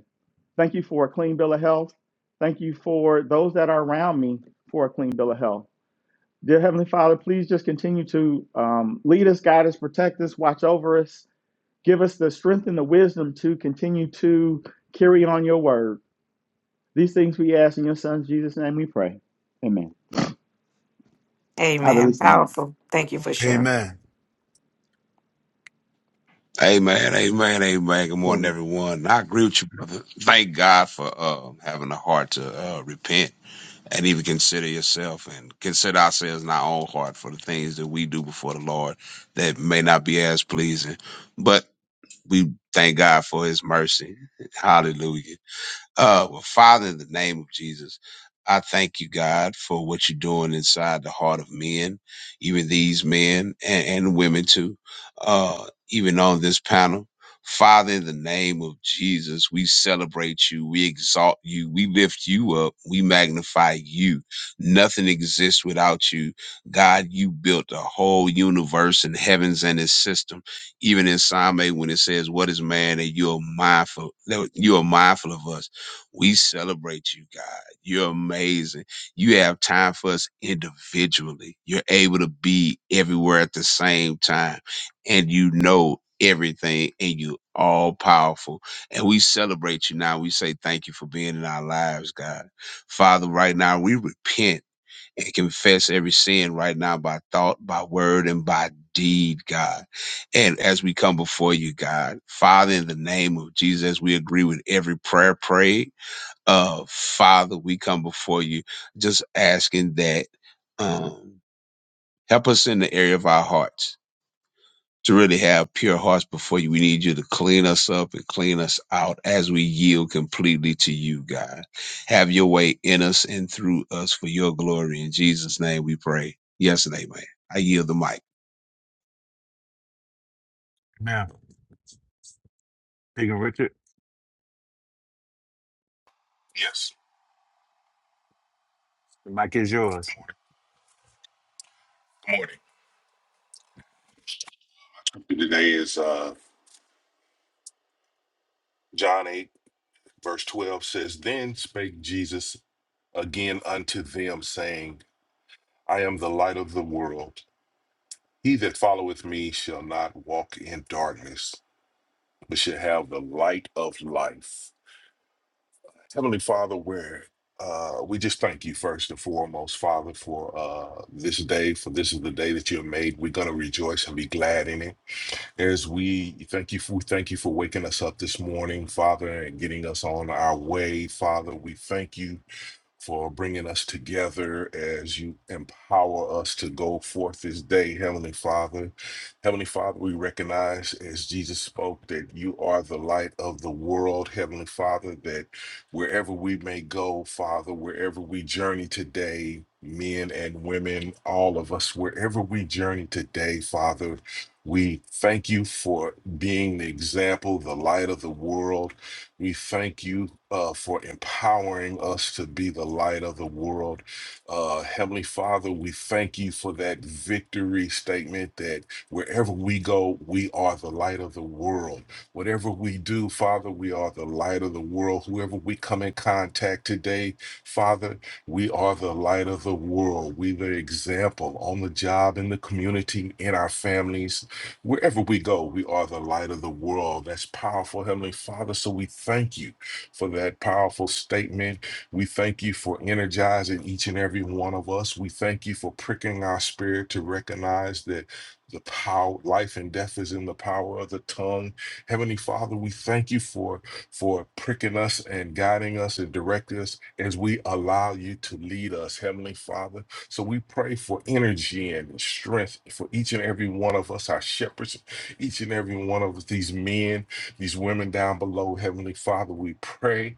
Thank you for a clean bill of health. Thank you for those that are around me for a clean bill of health. Dear Heavenly Father, please just continue to um, lead us, guide us, protect us, watch over us, give us the strength and the wisdom to continue to carry on your word. These things we ask in your Son, Jesus' name we pray. Amen. I Amen. release the mic. Powerful. Thank you for sharing. Amen. Amen, amen, amen. Good morning, Um, everyone. I agree with you, brother. Thank God for uh, having a heart to uh, repent and even consider yourself and consider ourselves in our own heart for the things that we do before the Lord that may not be as pleasing. But we thank God for his mercy. Hallelujah. Uh, well, Father, in the name of Jesus, I thank you, God, for what you're doing inside the heart of men, even these men and, and women too, uh, even on this panel. Father, in the name of Jesus, we celebrate you, we exalt you, we lift you up, we magnify you. Nothing exists without you. God, you built the whole universe and heavens and its system even in Psalm 8 when it says, What is man that you are mindful that you are mindful of us? We celebrate you, God. You're amazing. You have time for us individually. You're able to be everywhere at the same time, and you know everything, and you all powerful. And we celebrate you now. We say thank you for being in our lives, God. Father, right now we repent and confess every sin right now by thought, by word, and by deed, God. And as we come before you, God, Father, in the name of Jesus, we agree with every prayer prayed uh, Father, we come before you just asking that um, help us in the area of our hearts to really have pure hearts before you. We need you to clean us up and clean us out as we yield completely to you, God. Have your way in us and through us for your glory. In Jesus' name we pray. Yes and amen. I yield the mic. Now, Deacon Richard, Yes. the mic is yours. Good morning. Today is uh, John 8, verse 12 says, Then spake Jesus again unto them, saying, I am the light of the world. He that followeth me shall not walk in darkness, but shall have the light of life. Heavenly Father, where uh, we just thank you first and foremost, Father, for uh, this day, for this is the day that you have made. We're going to rejoice and be glad in it. as we thank you for we thank you for waking us up this morning, Father, and getting us on our way, Father. We thank you for bringing us together as you empower us to go forth this day, Heavenly Father. Heavenly Father, we recognize as Jesus spoke that you are the light of the world, Heavenly Father, that wherever we may go, Father, wherever we journey today, men and women, all of us, wherever we journey today, Father, we thank you for being the example, the light of the world. We thank you uh, for empowering us to be the light of the world. Uh, Heavenly Father, we thank you for that victory statement that wherever we go, we are the light of the world. Whatever we do, Father, we are the light of the world. Whoever we come in contact today, Father, we are the light of the world. We the example on the job, in the community, in our families Wherever we go, we are the light of the world. That's powerful, Heavenly Father. So we thank you for that powerful statement. We thank you for energizing each and every one of us. We thank you for pricking our spirit to recognize that the power life and death is in the power of the tongue heavenly father we thank you for for pricking us and guiding us and directing us as we allow you to lead us heavenly father so we pray for energy and strength for each and every one of us, our shepherds, each and every one of us, these men, these women down below. Heavenly Father, we pray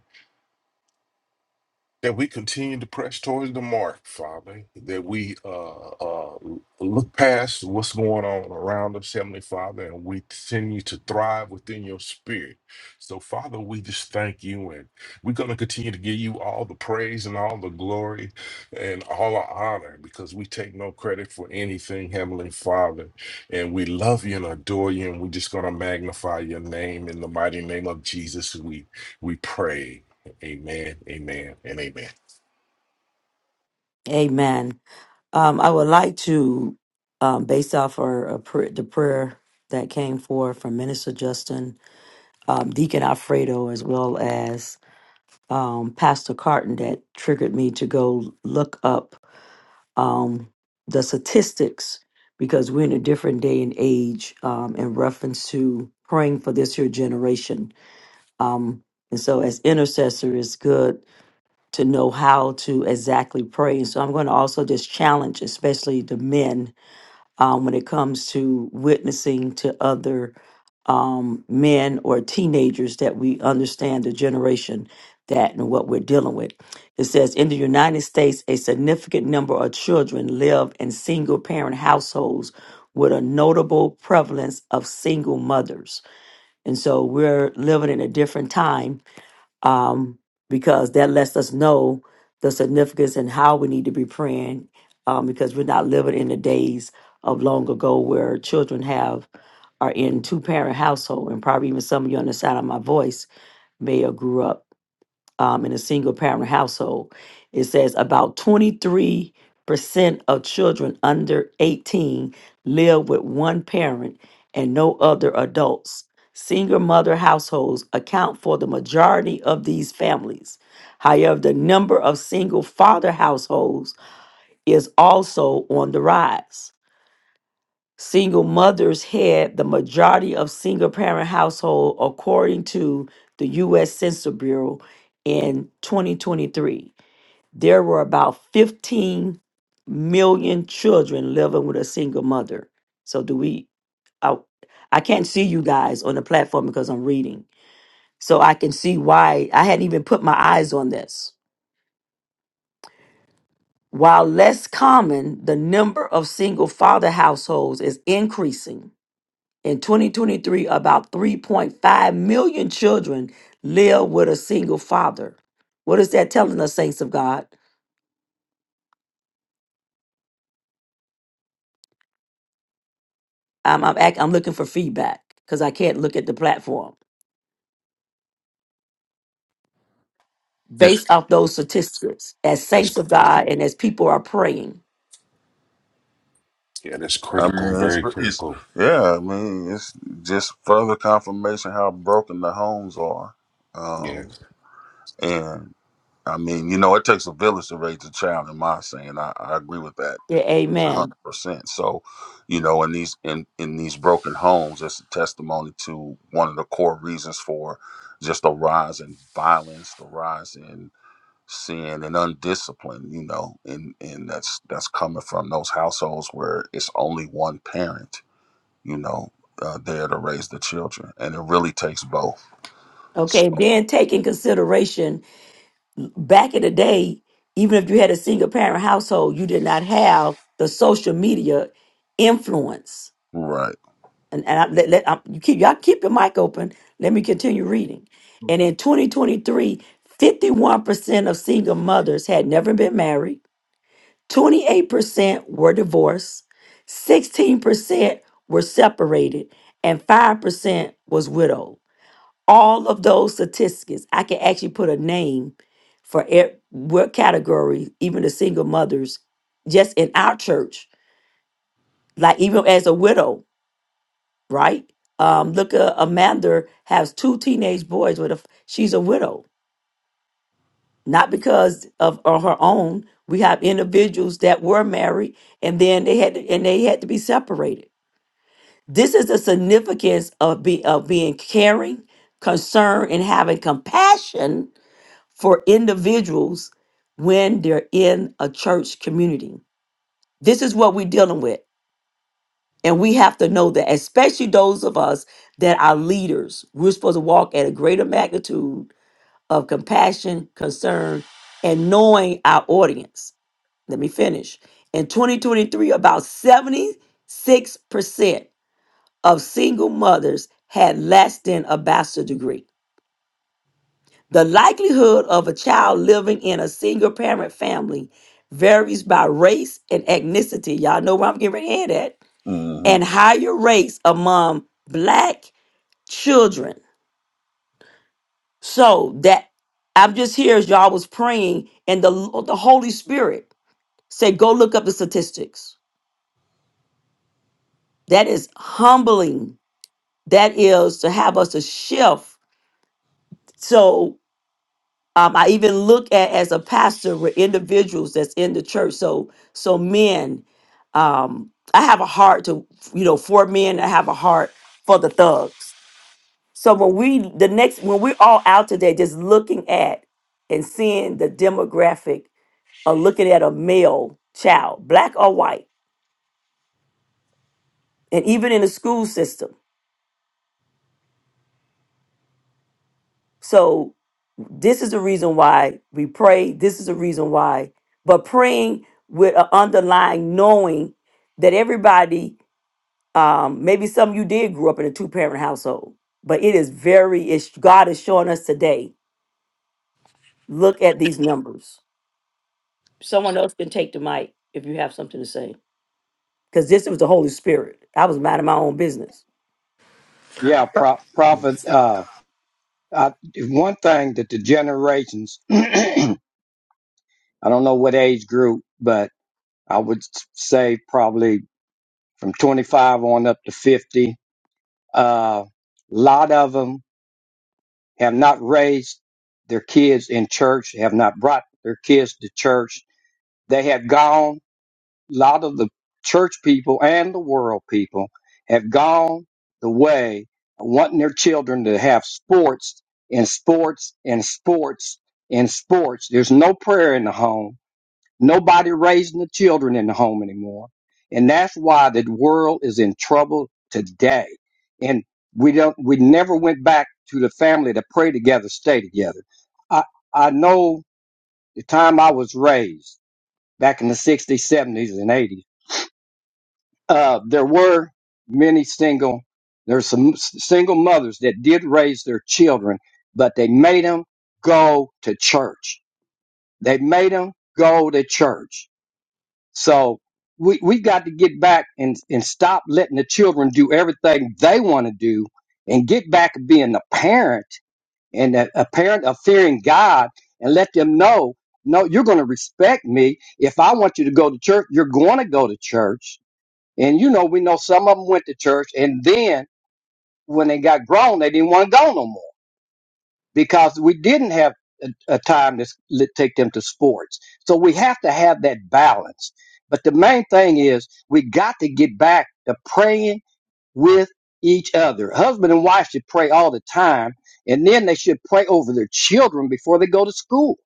that we continue to press towards the mark, Father, that we uh, uh, look past what's going on around us, Heavenly Father, and we continue to thrive within your spirit. So, Father, we just thank you, and we're going to continue to give you all the praise and all the glory and all the honor because we take no credit for anything, Heavenly Father. And we love you and adore you, and we're just going to magnify your name in the mighty name of Jesus. We, we pray. Amen, amen, and amen. Amen. Um, I would like to, um, based off our, uh pr- the prayer that came forth from Minister Justin, um, Deacon Alfredo, as well as um, Pastor Carton, that triggered me to go look up um, the statistics because we're in a different day and age um, in reference to praying for this here generation. Um, and so, as intercessor, it's good to know how to exactly pray. And so, I'm going to also just challenge, especially the men, um, when it comes to witnessing to other um, men or teenagers that we understand the generation that and what we're dealing with. It says in the United States, a significant number of children live in single parent households with a notable prevalence of single mothers. And so, we're living in a different time um, because that lets us know the significance and how we need to be praying um, because we're not living in the days of long ago where children have are in two parent household and probably even some of you on the side of my voice may have grew up um, in a single parent household. It says about 23% of children under 18 live with one parent and no other adults. Single mother households account for the majority of these families. However, the number of single father households is also on the rise single mothers head the majority of single parent household according to the US Census Bureau in 2023. There were about 15 million children living with a single mother. So do we I, I can't see you guys on the platform because I'm reading. So I can see why I hadn't even put my eyes on this. While less common, the number of single father households is increasing in 2023, about 3.5 million children live with a single father. What is that telling us, saints of God? I'm, I'm, act, I'm looking for feedback because I can't look at the platform. Yes, Based off those statistics, as That's saints of God and as people are praying. yeah, that's I critical, mean, it's, very it's critical. yeah. I mean, it's just further confirmation how broken the homes are, Yeah, um, and I mean, you know, it takes a village to raise a child. In my saying, I, I agree with that. Yeah, A amen. hundred percent. So, you know, in these in in these broken homes, it's a testimony to one of the core reasons for just the rise in violence, the rise in sin and undiscipline. You know, and and that's that's coming from those households where it's only one parent. You know, uh, there to raise the children, and it really takes both. So, Okay, then take in consideration back in the day, even if you had a single parent household, you did not have the social media influence. right. And, and I, let, let, I, you keep y'all keep your mic open. Let me continue reading. Go And in 2023, 51% of single mothers had never been married. 28% were divorced. 16% were separated, and 5% was widowed all of those statistics, I can actually put a name for it, what category, even the single mothers, just in our church, like even as a widow, right? Um, look, uh, Amanda has two teenage boys, but if she's a widow, not because of on her own. We have individuals that were married and then they had to, and they had to be separated. This is the significance of be, of being caring, concerned, and having compassion for individuals when they're in a church community. This is what we're dealing with. And we have to know that, especially those of us that are leaders, we're supposed to walk at a greater magnitude of compassion, concern, and knowing our audience. Let me finish. In 2023, about 76% of single mothers had less than a bachelor degree. The likelihood of a child living in a single parent family varies by race and ethnicity. Y'all know where I'm getting ready to head at. Mm-hmm. And higher rates among black children. So that I'm just here as y'all was praying, and the, the Holy Spirit said, Go look up the statistics. That is humbling. That is to have us to shift. So um, I even look at as a pastor with individuals that's in the church. So so men, um, I have a heart to you know for men. I have a heart for the thugs. So when we the next when we're all out today, just looking at and seeing the demographic of looking at a male child, black or white, and even in the school system. So This is the reason why we pray. This is the reason why. But praying with an underlying knowing that everybody, um, maybe some of you did grow up in a two parent household, but it is very, it's, God is showing us today. Look at these numbers. Someone else can take the mic if you have something to say. Because this was the Holy Spirit. I was minding my own business. Yeah, pro- prophet. Uh, I, one thing that the generations, I don't know what age group, but I would say probably from 25 on up to 50 A lot of them have not raised their kids in church, have not brought their kids to church. They have gone, a lot of the church people and the world people have gone the way of wanting their children to have sports and sports and sports and sports. There's no prayer in the home Nobody raising the children in the home anymore. And that's why the world is in trouble today. And we don't, we never went back to the family to pray together, stay together. I, I know the time I was raised back in the 60s, 70s, and 80s, uh, there were many single, there's some s- single mothers that did raise their children, but they made them go to church. They made them go to church So we we got to get back and and stop letting the children do everything they want to do, and get back to being a parent and a, a parent of fearing God, and let them know, no, you're going to respect me. If I want you to go to church, you're going to go to church. And you know, we know some of them went to church, and then when they got grown, they didn't want to go no more because we didn't have a, a time to s- take them to sports. So we have to have that balance. But the main thing is we got to get back to praying with each other. Husband and wife should pray all the time, and then they should pray over their children before they go to school.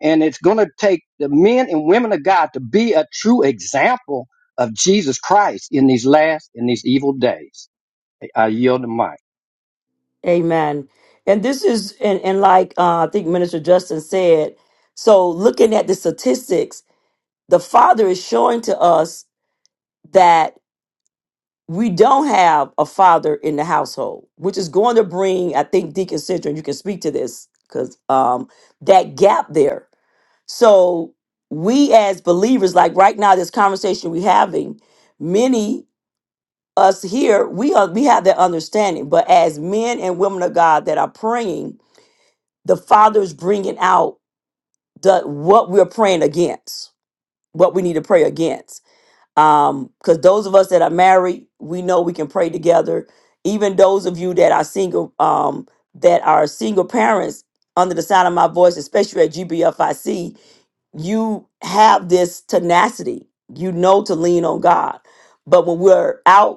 And it's going to take the men and women of God to be a true example of Jesus Christ in these last, in these evil days. I yield the mic. Amen. And this is, and, and like uh, I think Minister Justin said, so looking at the statistics, the Father is showing to us that we don't have a father in the household, which is going to bring, I think, Deacon Central, you can speak to this, because um, that gap there. So we as believers, like right now, this conversation we're having, many us here, we are we have that understanding. But as men and women of God that are praying, the Father is bringing out the what we're praying against, what we need to pray against. Um, because those of us that are married, we know we can pray together. Even those of you that are single, um, that are single parents under the sound of my voice, especially at GBFIC, you have this tenacity. You know to lean on God. But when we're out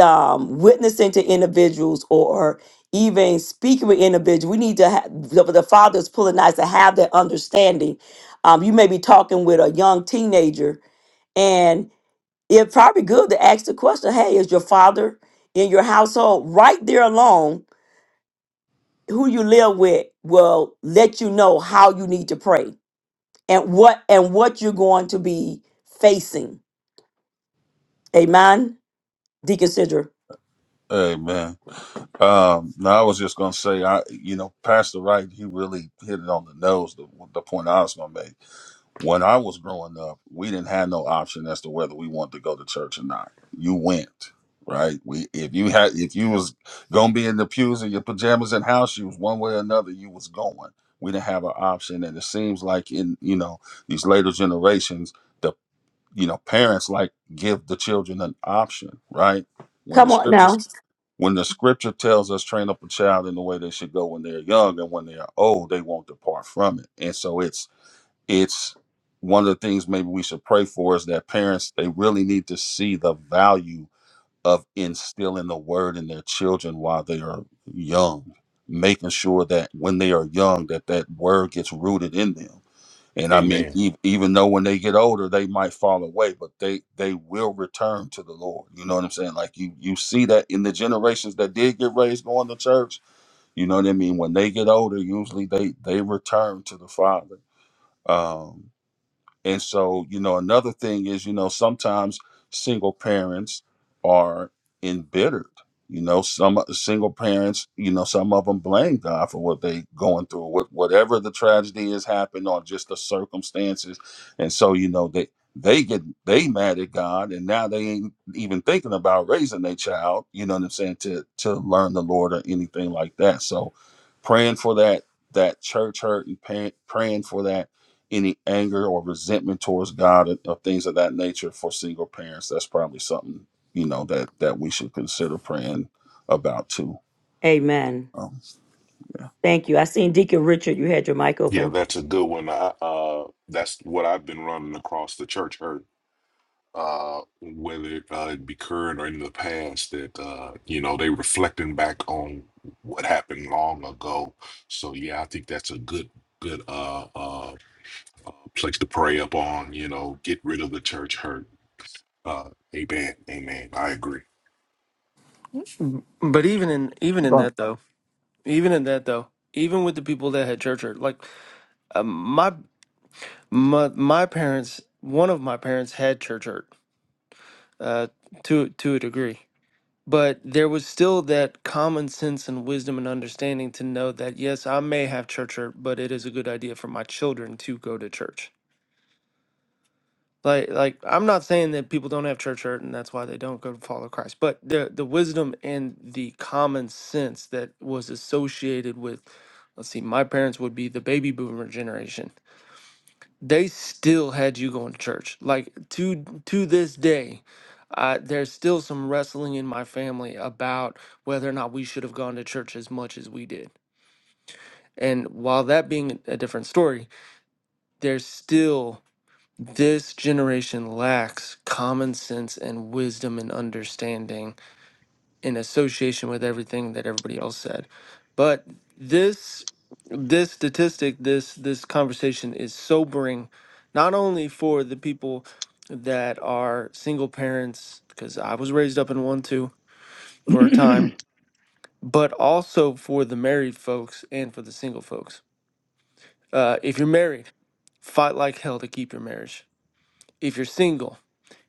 um, witnessing to individuals or even speaking with individuals, we need to have the, the father's pulling eyes to have that understanding. Um, you may be talking with a young teenager, and it's probably good to ask the question, "Hey, is your father in your household?" Right there alone, who you live with will let you know how you need to pray and what and what you're going to be facing. Amen, Deacon Sidra. Amen. Um, now I was just gonna say, I you know, Pastor Wright, he really hit it on the nose. The, the point I was gonna make when I was growing up, we didn't have no option as to whether we wanted to go to church or not. You went, right? We if you had if you was gonna be in the pews in your pajamas and house shoes, one way or another, you was going. We didn't have an option, and it seems like in you know these later generations, the you know parents like give the children an option, right? When the Come on scriptures now. when the scripture tells us train up a child in the way they should go when they're young and when they are old, they won't depart from it. And so it's it's one of the things maybe we should pray for is that parents they really need to see the value of instilling the word in their children while they are young, making sure that when they are young that that word gets rooted in them and I mean, amen. e- even though when they get older, they might fall away, but they they will return to the Lord. You know what I'm saying? Like you you see that in the generations that did get raised going to church. You know what I mean? When they get older, usually they they return to the Father. Um, and so, you know, another thing is, you know, sometimes single parents are embittered. You know, some o- single parents, you know, some of them blame God for what they going through, what whatever the tragedy has happened or just the circumstances. And so, you know, they they get they mad at God and now they ain't even thinking about raising their child, you know what I'm saying, to to learn the Lord or anything like that. So praying for that that church hurt and pay, praying for that any anger or resentment towards God or, or things of that nature for single parents, that's probably something you know that that we should consider praying about too. Amen. Um, Thank you. I seen Deacon Richard. You had your mic Yeah, open. that's a good one. I uh, that's what I've been running across the church hurt. Uh, whether uh, it uh, be current or in the past, that uh, you know they reflecting back on what happened long ago. So yeah, I think that's a good good uh uh place to pray up on. You know, get rid of the church hurt. Uh, amen, amen. I agree. But even in even in that though, even in that though, even with the people that had church hurt, like um, my My my parents, one of my parents had church hurt, uh, to to a degree, but there was still that common sense and wisdom and understanding to know that yes, I may have church hurt, but it is a good idea for my children to go to church. Like like I'm not saying that people don't have church hurt and that's why they don't go to follow Christ, but the the wisdom and the common sense that was associated with let's see, my parents would be the baby boomer generation they still had you going to church. Like to to this day, uh, there's still some wrestling in my family about whether or not we should have gone to church as much as we did. And while that being a different story, there's still this generation lacks common sense and wisdom and understanding in association with everything that everybody else said. But this this statistic, this this conversation is sobering, not only for the people that are single parents, because I was raised up in one too for a time, but also for the married folks and for the single folks. Uh, if you're married, fight like hell to keep your marriage. If you're single,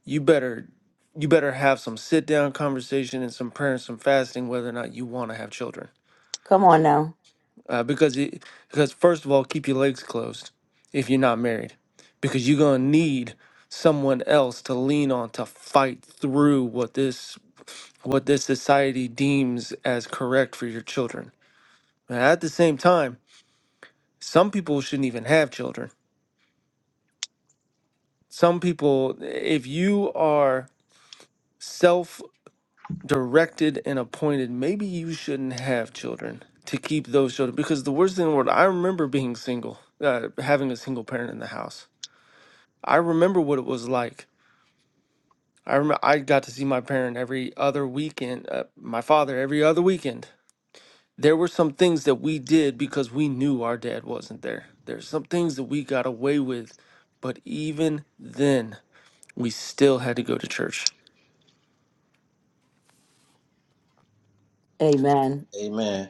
you better you better have some sit down conversation and some prayer and some fasting whether or not you want to have children Come on now. uh, because it because first of all, keep your legs closed if you're not married, because you're gonna need someone else to lean on to fight through what this what this society deems as correct for your children. And At the same time, some people shouldn't even have children. Some people, if you are self directed and appointed, maybe you shouldn't have children to keep those children. Because the worst thing in the world, I remember being single, uh, having a single parent in the house I remember what it was like. I remember I got to see my parent every other weekend, uh, my father every other weekend. There were some things that we did because we knew our dad wasn't there. There's some things that we got away with, but even then, we still had to go to church. Amen. Amen.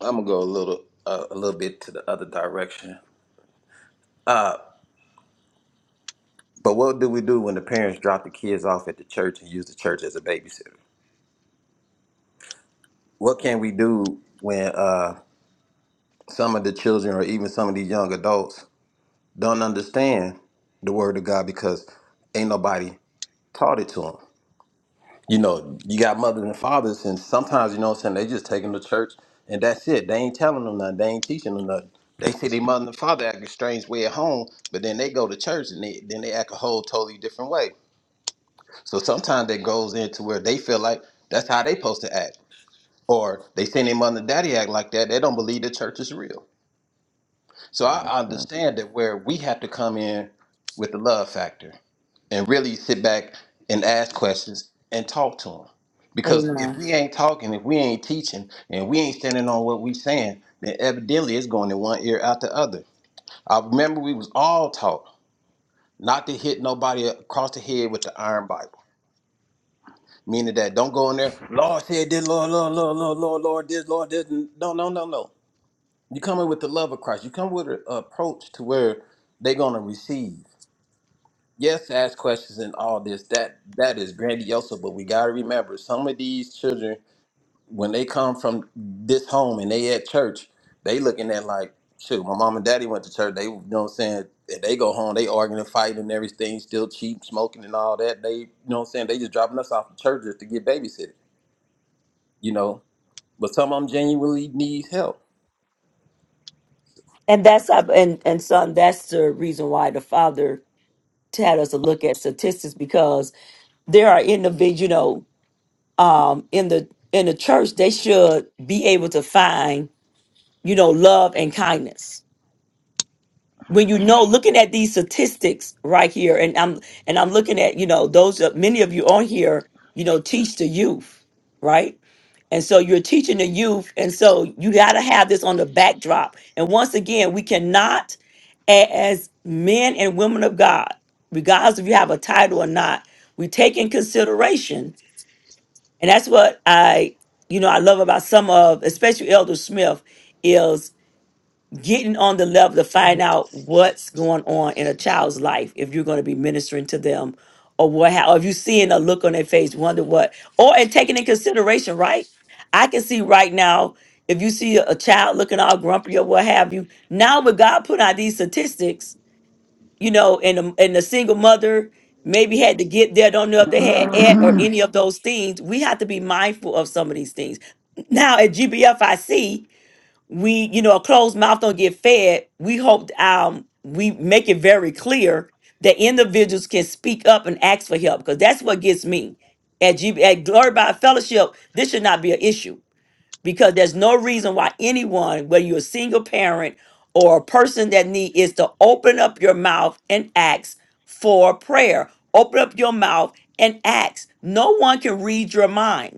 I'm gonna go a little uh, a little bit to the other direction. Uh, but what do we do when the parents drop the kids off at the church and use the church as a babysitter? What can we do when uh, some of the children or even some of these young adults don't understand the word of God because ain't nobody taught it to them? you know, you got mothers and fathers, and sometimes, you know what I'm saying, they just take them to church and that's it. They ain't telling them nothing. They ain't teaching them nothing. They see their mother and father act a strange way at home, but then they go to church and they, then they act a whole totally different way. So sometimes that goes into where they feel like that's how they supposed to act. Or they see their mother and daddy act like that. They don't believe the church is real. So I Yes, understand that where we have to come in with the love factor and really sit back and ask questions and talk to them. Because if Amen. we ain't talking, if we ain't teaching, and we ain't standing on what we saying, then evidently it's going in one ear out the other. I remember we was all taught not to hit nobody across the head with the iron Bible. Meaning that don't go in there, Lord said this, Lord, Lord, Lord, Lord, Lord, Lord, this, Lord, this. No, no, no, no. You come in with the love of Christ. You come with an approach to where they're gonna receive. Yes, ask questions and all this. That that is grandiose, but we gotta remember some of these children when they come from this home and they at church, they looking at like, shoot, my mom and daddy went to church. They, you know, what I'm saying, if they go home, they arguing and fighting and everything, still cheap smoking and all that. They, you know, what I'm saying, they just dropping us off to church just to get babysitted. You know, but some of them genuinely need help. And that's uh, and and son. That's the reason why the father had us to look at statistics because there are individuals, you know, um, in the in the church, they should be able to find, you know, love and kindness. When you know, looking at these statistics right here, and I'm and I'm looking at, you know, those uh, many of you on here, you know, teach the youth, right? And so you're teaching the youth, and so you got to have this on the backdrop. And once again, we cannot, a- as men and women of God, regardless if you have a title or not, we take in consideration And that's what I, you know, I love about some of, especially Elder Smith, is getting on the level to find out what's going on in a child's life if you're going to be ministering to them or what ha- or if you seeing a look on their face, wonder what, or and taking in consideration, right? I can see right now if you see a a child looking all grumpy or what have you. Now, with God putting out these statistics, you know, and the, and the single mother maybe had to get there. Don't know if they had aunt or thanks. any of those things. We have to be mindful of some of these things. Now at GBFIC, we you know a closed mouth don't get fed. We hope um we make it very clear that individuals can speak up and ask for help because that's what gets me at GB at Glory by Fellowship. This should not be an issue because there's no reason why anyone, whether you're a single parent or a person that need is to open up your mouth and ask for prayer. Open up your mouth and ask. No one can read your mind.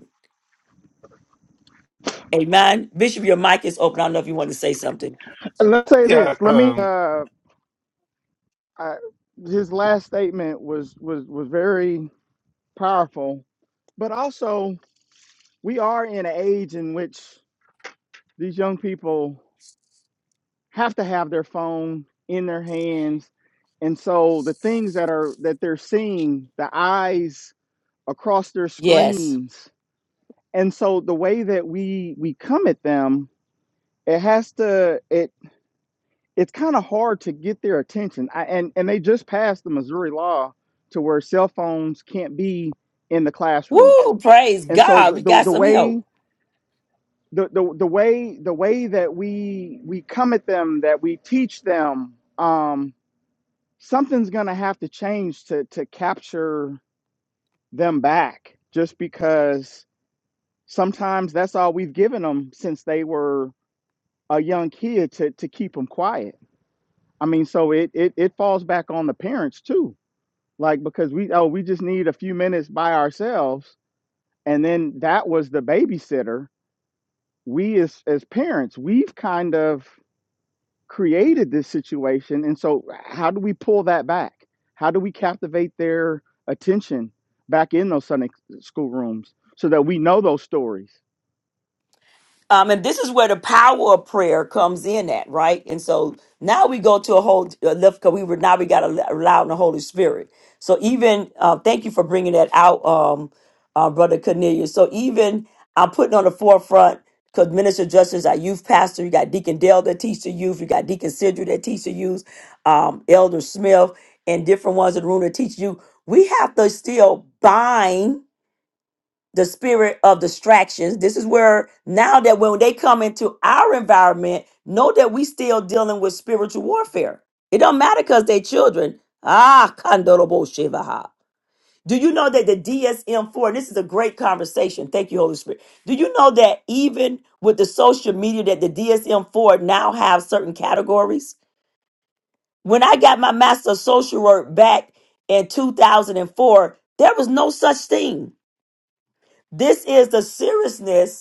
Amen. Bishop, your mic is open. I don't know if you want to say something. Let's say this. Yeah, Let me. um, Uh, I, his last statement was was was very powerful, but also we are in an age in which these young people. have to have their phone in their hands and so the things that are that they're seeing the eyes across their Yes. screens and so the way that we we come at them it has to it it's kind of hard to get their attention I, and and they just passed the missouri law to where cell phones can't be in the classroom Woo! Praise and so God. the We the, got the some help. way the, the, the way the way that we we come at them that we teach them um, something's going to have to change to to capture them back just because sometimes that's all we've given them since they were a young kid to to keep them quiet i mean so it it, it falls back on the parents too like because we oh we just need a few minutes by ourselves and then that was the babysitter we as as parents we've kind of created this situation. And so, how do we pull that back? How do we captivate their attention back in those Sunday school rooms so that we know those stories? Um, and this is where the power of prayer comes in at, right? And so now we go to a whole uh, lift because we were now we got to allow in the Holy Spirit. So even uh, thank you for bringing that out, um, uh, brother Cornelius. So even I'm putting on the forefront because Minister Justice, our youth pastor, you got Deacon Dale that teach the youth, you got Deacon Sidra that teach the youth, um, Elder Smith, and different ones in the room that teach you. We have to still bind the spirit of distractions. This is where now that when they come into our environment, know that we still dealing with spiritual warfare. It don't matter because they children. Ah, kandorobo shivaha. Do you know that the DSM-4, this is a great conversation. Thank you, Holy Spirit. Do you know that even with the social media that the DSM-4 now have certain categories? When I got my master of social work back in 2004, there was no such thing. This is the seriousness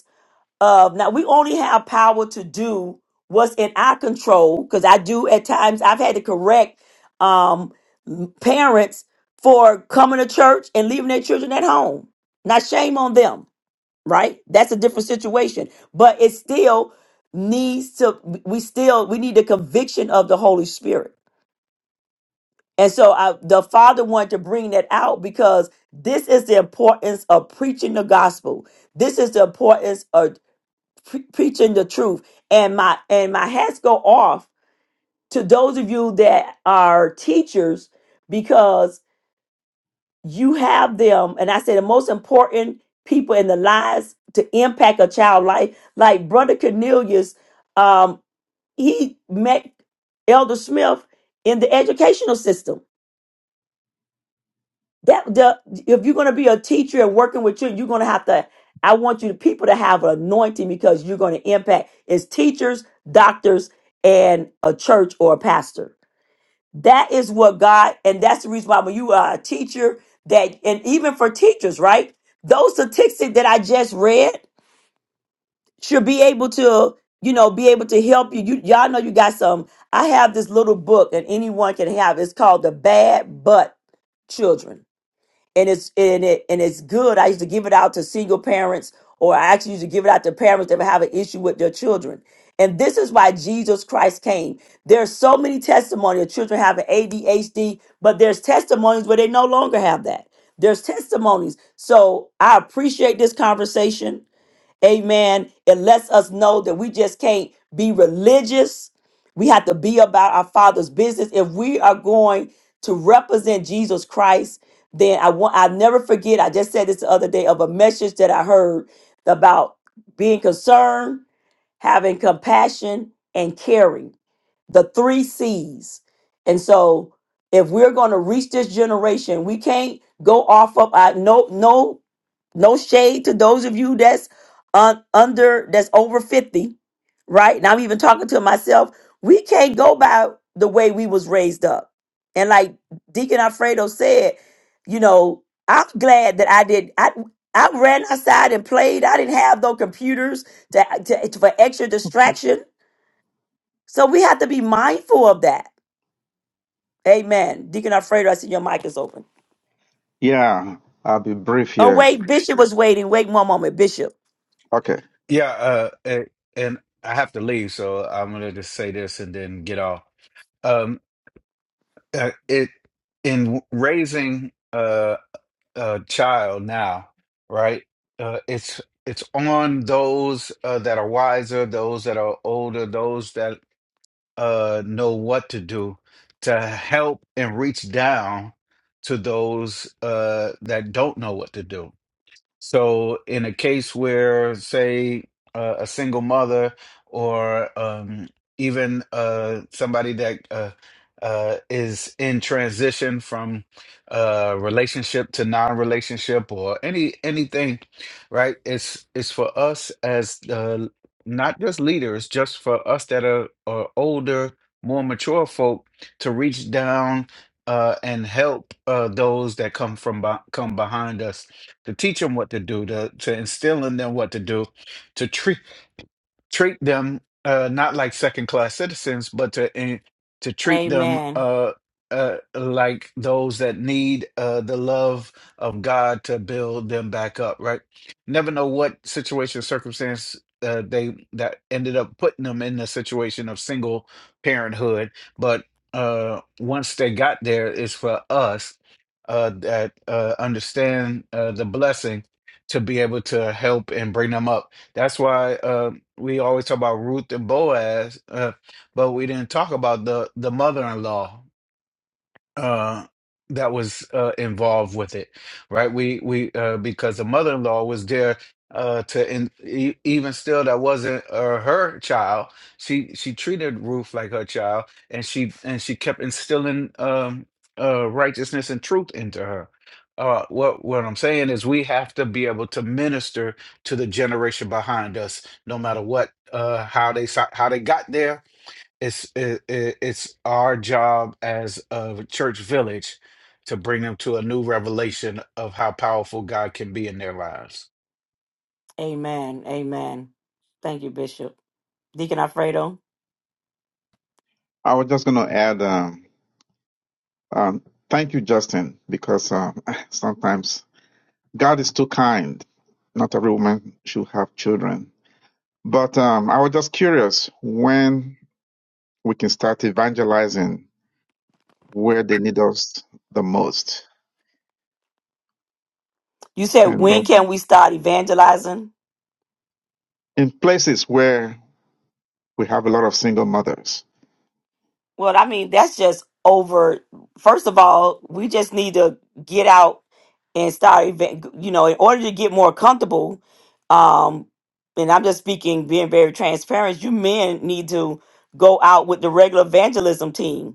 uh, now we only have power to do what's in our control because I do at times I've had to correct um m- parents for coming to church and leaving their children at home. Now shame on them, right? That's a different situation, but it still needs to we still we need the conviction of the Holy Spirit. And so I, the father wanted to bring that out because this is the importance of preaching the gospel. This is the importance of pre- preaching the truth and my and my hats go off to those of you that are teachers because you have them and i say the most important people in the lives to impact a child life like brother cornelius um he met elder smith in the educational system that the if you're going to be a teacher and working with children, you're going to have to. I want you to people to have an anointing because you're going to impact as teachers, doctors, and a church or a pastor. That is what God, and that's the reason why when you are a teacher, that and even for teachers, right? Those statistics that I just read should be able to, you know, be able to help you. You y'all know you got some. I have this little book, and anyone can have. It's called the Bad Butt Children and it's and it and it's good. I used to give it out to single parents, or I actually used to give it out to parents that have an issue with their children. And this is why Jesus Christ came. There's so many testimonies of children having ADHD, but there's testimonies where they no longer have that. There's testimonies. So I appreciate this conversation. Amen. It lets us know that we just can't be religious. We have to be about our Father's business. If we are going to represent Jesus Christ, then I want I never forget. I just said this the other day of a message that I heard about being concerned, having compassion, and caring. The three C's. And so if we're going to reach this generation, we can't go off of our no no no shade to those of you that's un- under, that's over 50, right? And I'm even talking to myself. We can't go by the way we was raised up. And like Deacon Alfredo said, you know, I'm glad that I did. I I ran outside and played. I didn't have no computers to, to for extra distraction. So we have to be mindful of that. Amen. Deacon Alfredo, I see your mic is open. Yeah, I'll be brief Oh, here. wait, Bishop was waiting. Wait one moment, Bishop. Okay. yeah, uh, eh, and I have to leave, so I'm gonna just say this and then get off. uh, it in raising a, a child now, right? Uh, it's it's on those uh, that are wiser, those that are older, those that uh, know what to do to help and reach down to those uh, that don't know what to do so, in a case where, say, uh, a single mother or um, even uh, somebody that uh, uh, is in transition from uh, relationship to non-relationship or any anything, right? It's it's for us as uh, not just leaders, just for us that are, are older, more mature folk to reach down uh, and help uh, those that come from be- come behind us to teach them what to do, to, to instill in them what to do, to treat treat them uh, not like second class citizens, but to and to treat them Amen. uh, uh, like those that need uh, the love of God to build them back up. Right? Never know what situation, circumstance uh, they that ended up putting them in the situation of single parenthood, but uh, once they got there, it's for us uh, that uh, understand uh, the blessing to be able to help and bring them up that's why uh, we always talk about Ruth and Boaz, uh, but we didn't talk about the the mother-in-law uh that was uh involved with it right we we uh because the mother-in-law was there uh to and e- even still that wasn't uh, her child she she treated Ruth like her child and she and she kept instilling um uh righteousness and truth into her uh what what I'm saying is we have to be able to minister to the generation behind us no matter what uh how they si- how they got there it's it, it, it's our job as a church village to bring them to a new revelation of how powerful God can be in their lives. Amen. Amen. Thank you, Bishop. Deacon Alfredo, I was just going to add, um, um, thank you, Justin, because um, sometimes God is too kind. Not every woman should have children. But um, I was just curious when we can start evangelizing where they need us the most you said and uh, when can we start evangelizing? in places where we have a lot of single mothers. Well, I mean, that's just over. First of all, we just need to get out and start, evan- you know, in order to get more comfortable. Um, and I'm just speaking, being very transparent, you men need to go out with the regular evangelism team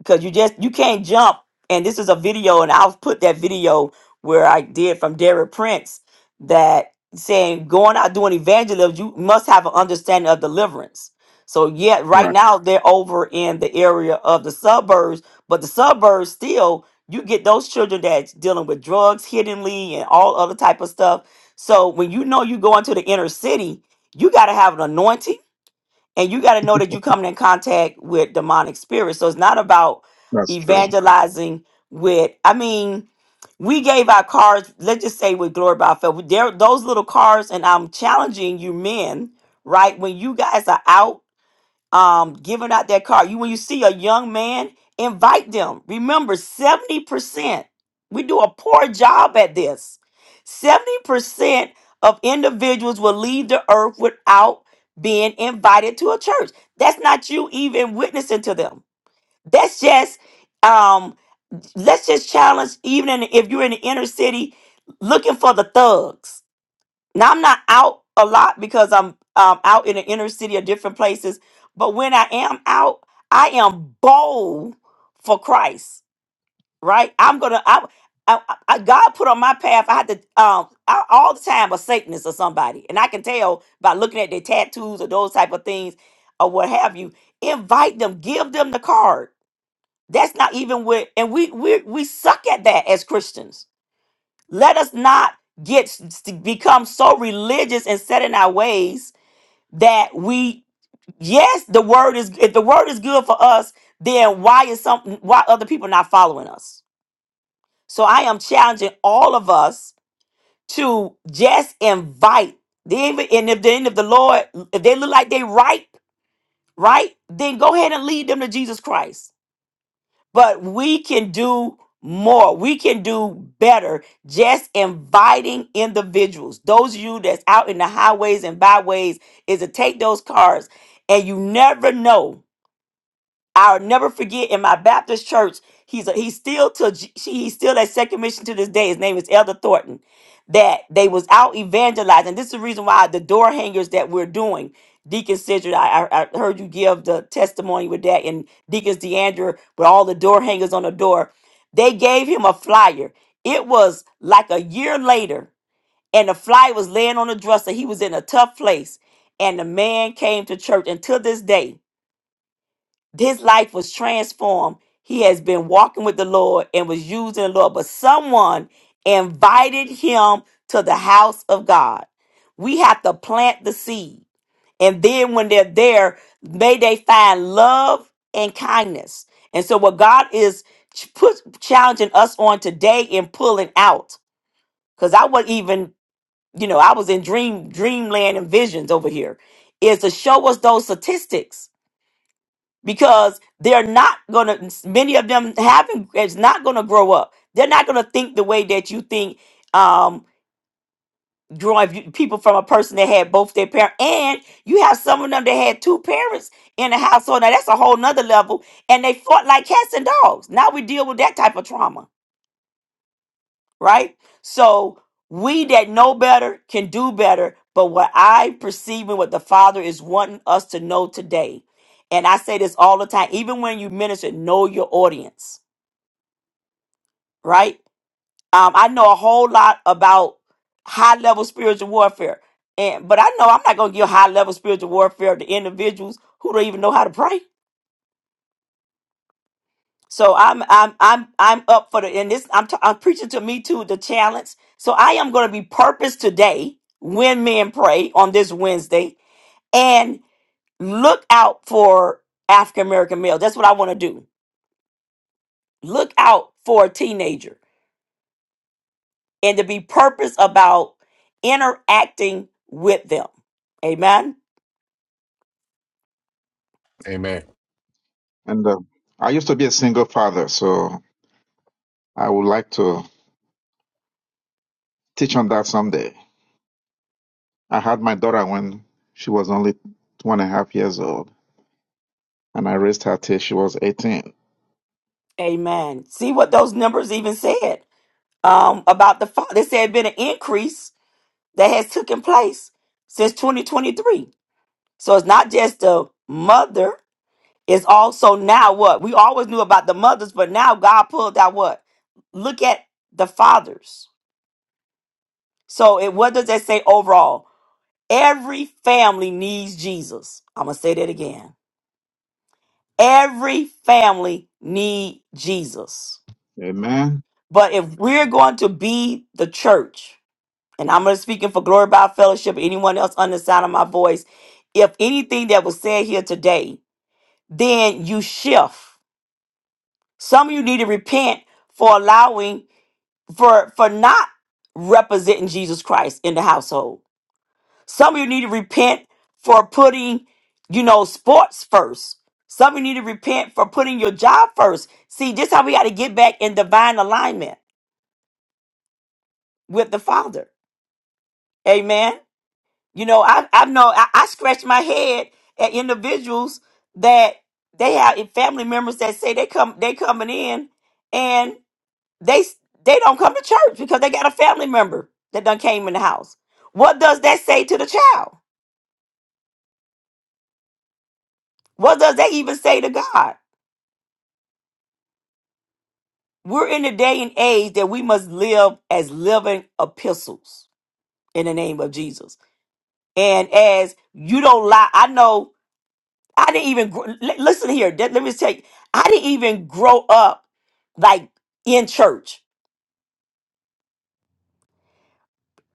because you just you can't jump and this is a video and i'll put that video where i did from derek prince that saying going out doing evangelism you must have an understanding of deliverance so yet right Right. now they're over in the area of the suburbs but the suburbs still you get those children that's dealing with drugs hiddenly and all other type of stuff so when you know you go into the inner city you got to have an anointing and you got to know that you coming in contact with demonic spirits. So it's not about That's true. evangelizing with. I mean, we gave our cards. Let's just say with Glory by Faith, there those little cards, and I'm challenging you men, right? When you guys are out um, giving out that car. You when you see a young man, invite them. Remember, 70%. We do a poor job at this. 70% of individuals will leave the earth without being invited to a church. That's not you even witnessing to them. That's just um let's just challenge even in, if you're in the inner city looking for the thugs now I'm not out a lot because I'm um, out in the inner city or different places. But when I am out, I am bold for Christ. Right? I'm gonna. I, I, I God put on my path. I had to um I, all the time a Satanist or somebody, and I can tell by looking at their tattoos or those type of things or what have you. Invite them. Give them the card. That's not even what. And we we we suck at that as Christians let us not get become so religious and set in our ways that we yes, the word is if the word is good for us, then why is some why other people not following us? So I am challenging all of us to just invite. Even and if then if the Lord if they look like they ripe, right, then go ahead and lead them to Jesus Christ but we can do more. We can do better just inviting individuals. Those of you that's out in the highways and byways is to take those cars and you never know I'll never forget in my Baptist church. He's a, he's still to G- she, he's still at second mission to this day. His name is Elder Thornton. That they was out evangelizing. This is the reason why the door hangers that we're doing. Deacon Sidra, I, I I heard you give the testimony with that, and Deacons DeAndre with all the door hangers on the door. They gave him a flyer. It was like a year later, and the flyer was laying on the dresser. He was in a tough place, and the man came to church. And to this day, his life was transformed. He has been walking with the Lord and was using the Lord, but someone invited him to the house of God. We have to plant the seed. And then when they're there, may they find love and kindness. And so what God is ch- put, challenging us on today and pulling out, because I wasn't even, you know, I was in dream dreamland and visions over here, is to show us those statistics because they're not gonna many of them haven't it's not gonna grow up they're not gonna think the way that you think um growing if you- people from a person that had both their parents and you have some of them that had two parents in the household now that's a whole nother level and they fought like cats and dogs now we deal with that type of trauma right? So we that know better can do better. But what I perceive and what the Father is wanting us to know today, and I say this all the time, even when you minister, know your audience, right? Um, I know a whole lot about high level spiritual warfare, and but I know I'm not going to give high level spiritual warfare to individuals who don't even know how to pray So I'm I'm I'm I'm up for the and this I'm t- I'm preaching to me too the challenge. So I am going to be purpose today when men pray on this Wednesday and look out for African American male. That's what I want to do. Look out for a teenager and to be purpose about interacting with them. Amen. Amen. And uh, I used to be a single father, so I would like to teach on that someday. I had my daughter when she was only two and a half years old, and I raised her till she was 18. Amen. See what those numbers even said um, about the father. They said been an increase that has taken place since 2023 So it's not just the mother, it's also now what? We always knew about the mothers, but now God pulled out what? Look at the fathers. So it what does that say overall? Every family needs Jesus. I'm gonna say that again. Every family need Jesus. Amen. But if we're going to be the church, and I'm gonna speaking for Glory by Fellowship, anyone else under the sound of my voice, if anything that was said here today, then you shift. Some of you need to repent for allowing for for not representing Jesus Christ in the household. Some of you need to repent for putting, you know, sports first. Some of you need to repent for putting your job first. See, this how we got to get back in divine alignment with the Father. Amen. You know, I I know I, I scratch my head at individuals that they have family members that say they come they coming in They they don't come to church because they got a family member that done came in the house. What does that say to the child? What does that even say to God? We're in a day and age that we must live as living epistles in the name of Jesus. And as you don't lie, I know I didn't even gr- li- listen here. Let let me tell you, I didn't even grow up like in church.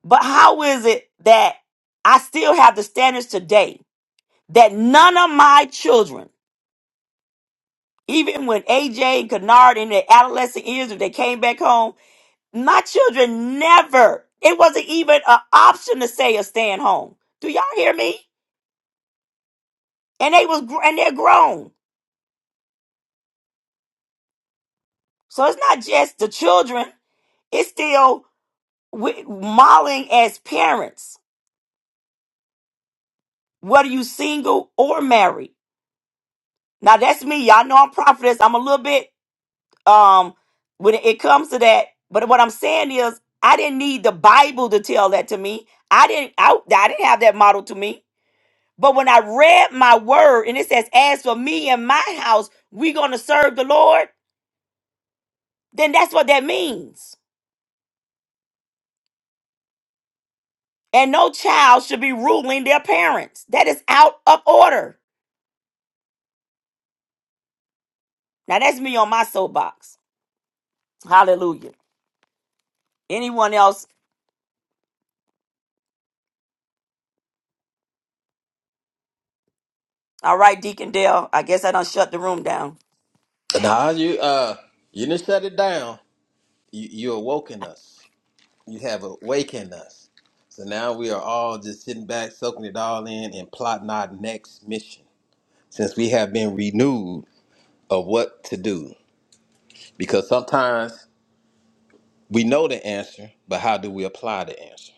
But how is it that I still have the standards today that none of my children Even when AJ and Kennard in their adolescent years, if they came back home, my children never, it wasn't even an option to say or staying home. Do y'all hear me? And they was, gr- and they're grown. So it's not just the children, it's still wi- modeling as parents, whether you single or married. Now that's me. Y'all know I'm prophetess. I'm a little bit um when it comes to that but what i'm saying is i didn't need the bible to tell that to me i didn't I, I didn't have that model to me but when i read my word and it says as for me and my house we're going to serve the lord then that's what that means and no child should be ruling their parents that is out of order now that's me on my soapbox hallelujah anyone else all right deacon dale i guess i done shut the room down Nah, you uh, you done shut it down. you, you awoken us. You have awakened us. So now we are all just sitting back, soaking it all in, and plotting our next mission. Since we have been renewed of what to do. Because sometimes we know the answer, but how do we apply the answer?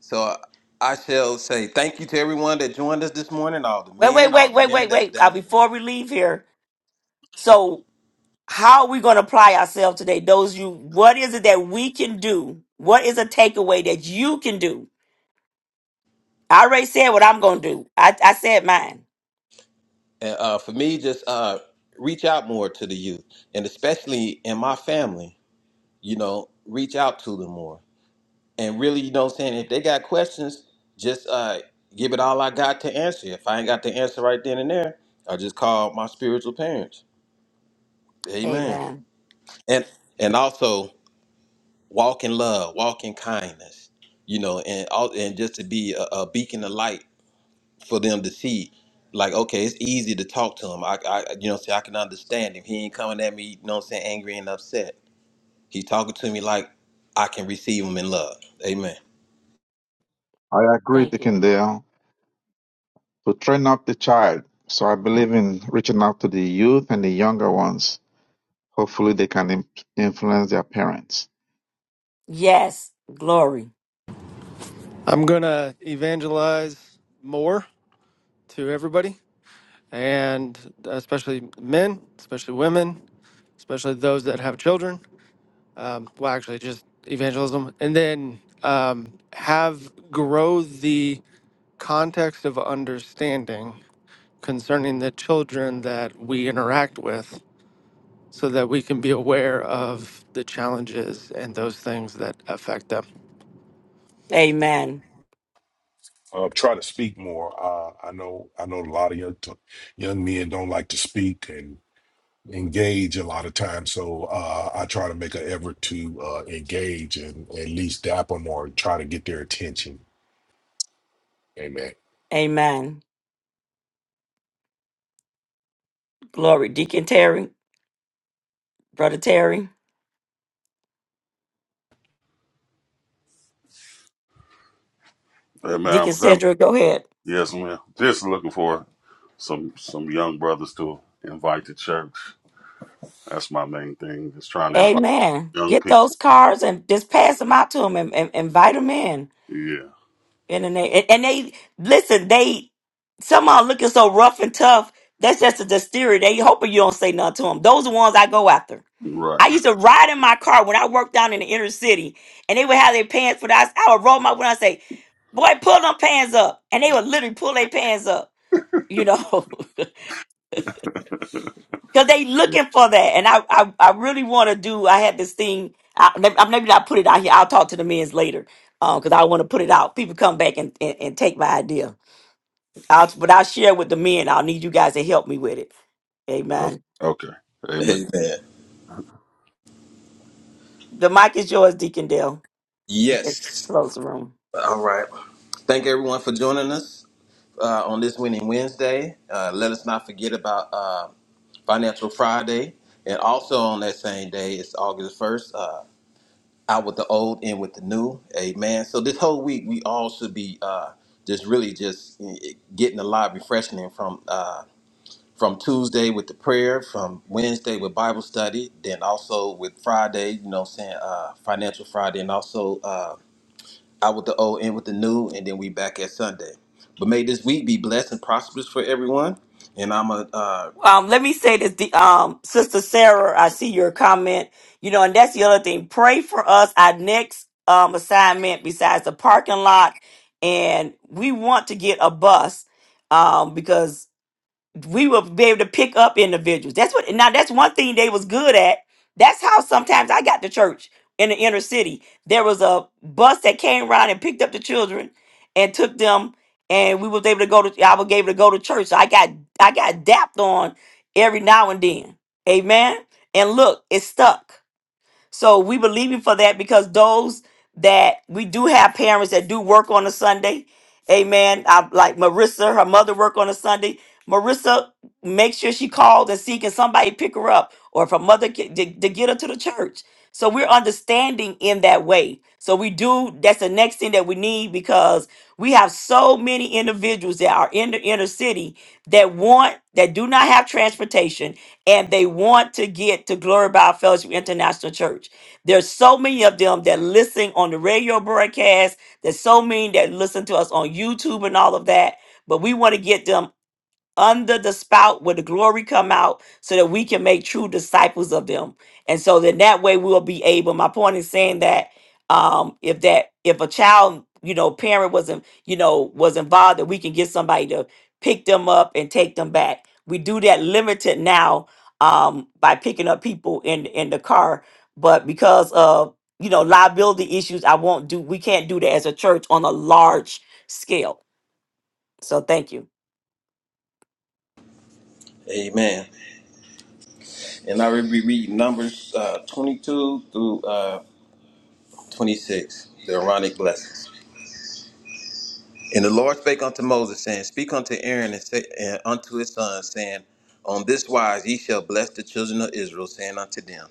So I shall say thank you to everyone that joined us this morning, all the wait wait men, all wait the wait women wait that was wait uh, down at the before we leave here So how are we going to apply ourselves today? Those you, what is it that we can do? What is a takeaway that you can do? I already said what I'm going to do. I, I said mine. and uh, for me, just uh, reach out more to the youth, and especially in my family, you know, reach out to them more And really, you know what I'm saying? If they got questions, just uh, give it all I got to answer. If I ain't got the answer right then and there, I just call my spiritual parents. Amen. Amen. And and also walk in love, walk in kindness, you know, and all and just to be a, a beacon of light for them to see. Like, okay, it's easy to talk to him. I, I you know, see, I can understand him. He ain't coming at me, you know what I'm saying, angry and upset. He's talking to me like I can receive him in love. Amen. I agree, Thank you. Dickendale, to train up the child. So I believe in reaching out to the youth and the younger ones. Hopefully, they can im- influence their parents. Yes. Glory. I'm going to evangelize more to everybody, and especially men, especially women, especially those that have children. um, well, actually, just evangelism, and then um, have grow the context of understanding concerning the children that we interact with so that we can be aware of the challenges and those things that affect them. Amen. uh, try to speak more. Uh, I know I know a lot of young young men don't like to speak and engage a lot of times. So uh, I try to make an effort to uh, engage and at least dap them or try to get their attention. Amen. Amen. Glory. Deacon Terry, Brother Terry, Hey, man, Deacon I'm having, Cedric, go ahead. yes, man. Just looking for some some young brothers to invite to church. That's my main thing. Just trying to invite Amen. young Get people. those cards and just pass them out to them and, and invite them in. In the name, and, and they listen. They somehow looking so rough and tough. That's just a exterior. They hoping you don't say nothing to them. Those are the ones I go after. Right. I used to ride in my car when I worked down in the inner city, and they would have their pants for that. I would roll my when I say, "Boy, pull them pants up," and they would literally pull their pants up. You know, because they Yeah. looking for that. And I, I, I really want to do. I had this thing. I, maybe, I- maybe not put it out here. I'll talk to the men's later because I want to put it out. People come back and, and, and take my idea I'll, but I'll share with the men. I'll need you guys to help me with it. Okay. Amen. okay. Amen. The mic is yours, Deacon Dale. You can close the room. All right. Thank everyone for joining us uh, on this Winning Wednesday. Uh, let us not forget about uh, Financial Friday. And also on that same day, it's August 1st, uh, out with the old, in with the new. Amen. So this whole week, we all should be uh, just really just eh, eh, getting a lot of refreshing from uh, from Tuesday with the prayer, from Wednesday with Bible study, then also with Friday, you know what I'm saying, uh, Financial Friday, and also uh, out with the old, in with the new, and then we back at Sunday. But may this week be blessed and prosperous for everyone. And I'm a uh, Um, let me say this, De- um, Sister Sarah. I see your comment. You know, and that's the other thing. Pray for us. Our next um assignment, besides the parking lot, and we want to get a bus, um, because we will be able to pick up individuals. That's what now that's one thing they was good at. That's how sometimes I got to church in the inner city. There was a bus that came around and picked up the children and took them and we was able to go to I was able to go to church. So I got I got dapped on every now and then. Amen. And look, it stuck. So we believe you for that because those that we do have parents that do work on a Sunday. Amen. I, like Marissa, her mother work on a Sunday. Marissa, make sure she calls and see can somebody pick her up or if her mother can, to, to get her to the church. So we're understanding in that way. So we do, that's the next thing that we need because we have so many individuals that are in the inner city that want, that do not have transportation and they want to get to Glory by Fellowship International Church. There's so many of them that listen on the radio broadcast. There's so many that listen to us on YouTube and all of that. But we want to get them under the spout where the glory come out so that we can make true disciples of them and so then that way we'll be able my point is saying that um if that if a child you know parent wasn't you know was involved that we can get somebody to pick them up and take them back we do that limited now um by picking up people in in the car but because of you know liability issues i won't do we can't do that as a church on a large scale so thank you amen. And I will be reading Numbers uh, 22 through uh, 26, the Aaronic blessings. And the Lord spake unto Moses, saying, Speak unto Aaron and, say, and unto his sons, saying, On this wise ye shall bless the children of Israel, saying unto them.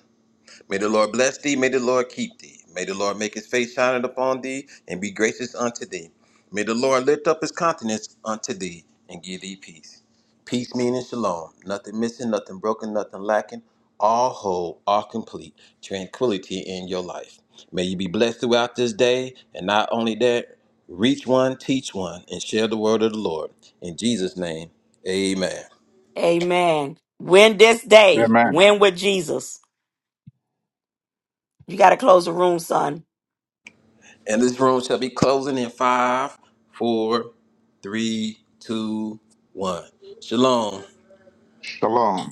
May the Lord bless thee. May the Lord keep thee. May the Lord make his face shine upon thee and be gracious unto thee. May the Lord lift up his countenance unto thee and give thee peace. Peace meaning shalom. Nothing missing, nothing broken, nothing lacking. All whole, all complete. Tranquility in your life. May you be blessed throughout this day. And not only that, reach one, teach one, and share the word of the Lord. In Jesus' name, amen. Amen. Win this day. Amen. Win with Jesus. You got to close the room, son. And this room shall be closing in five, four, three, two, one. Shalom. Shalom.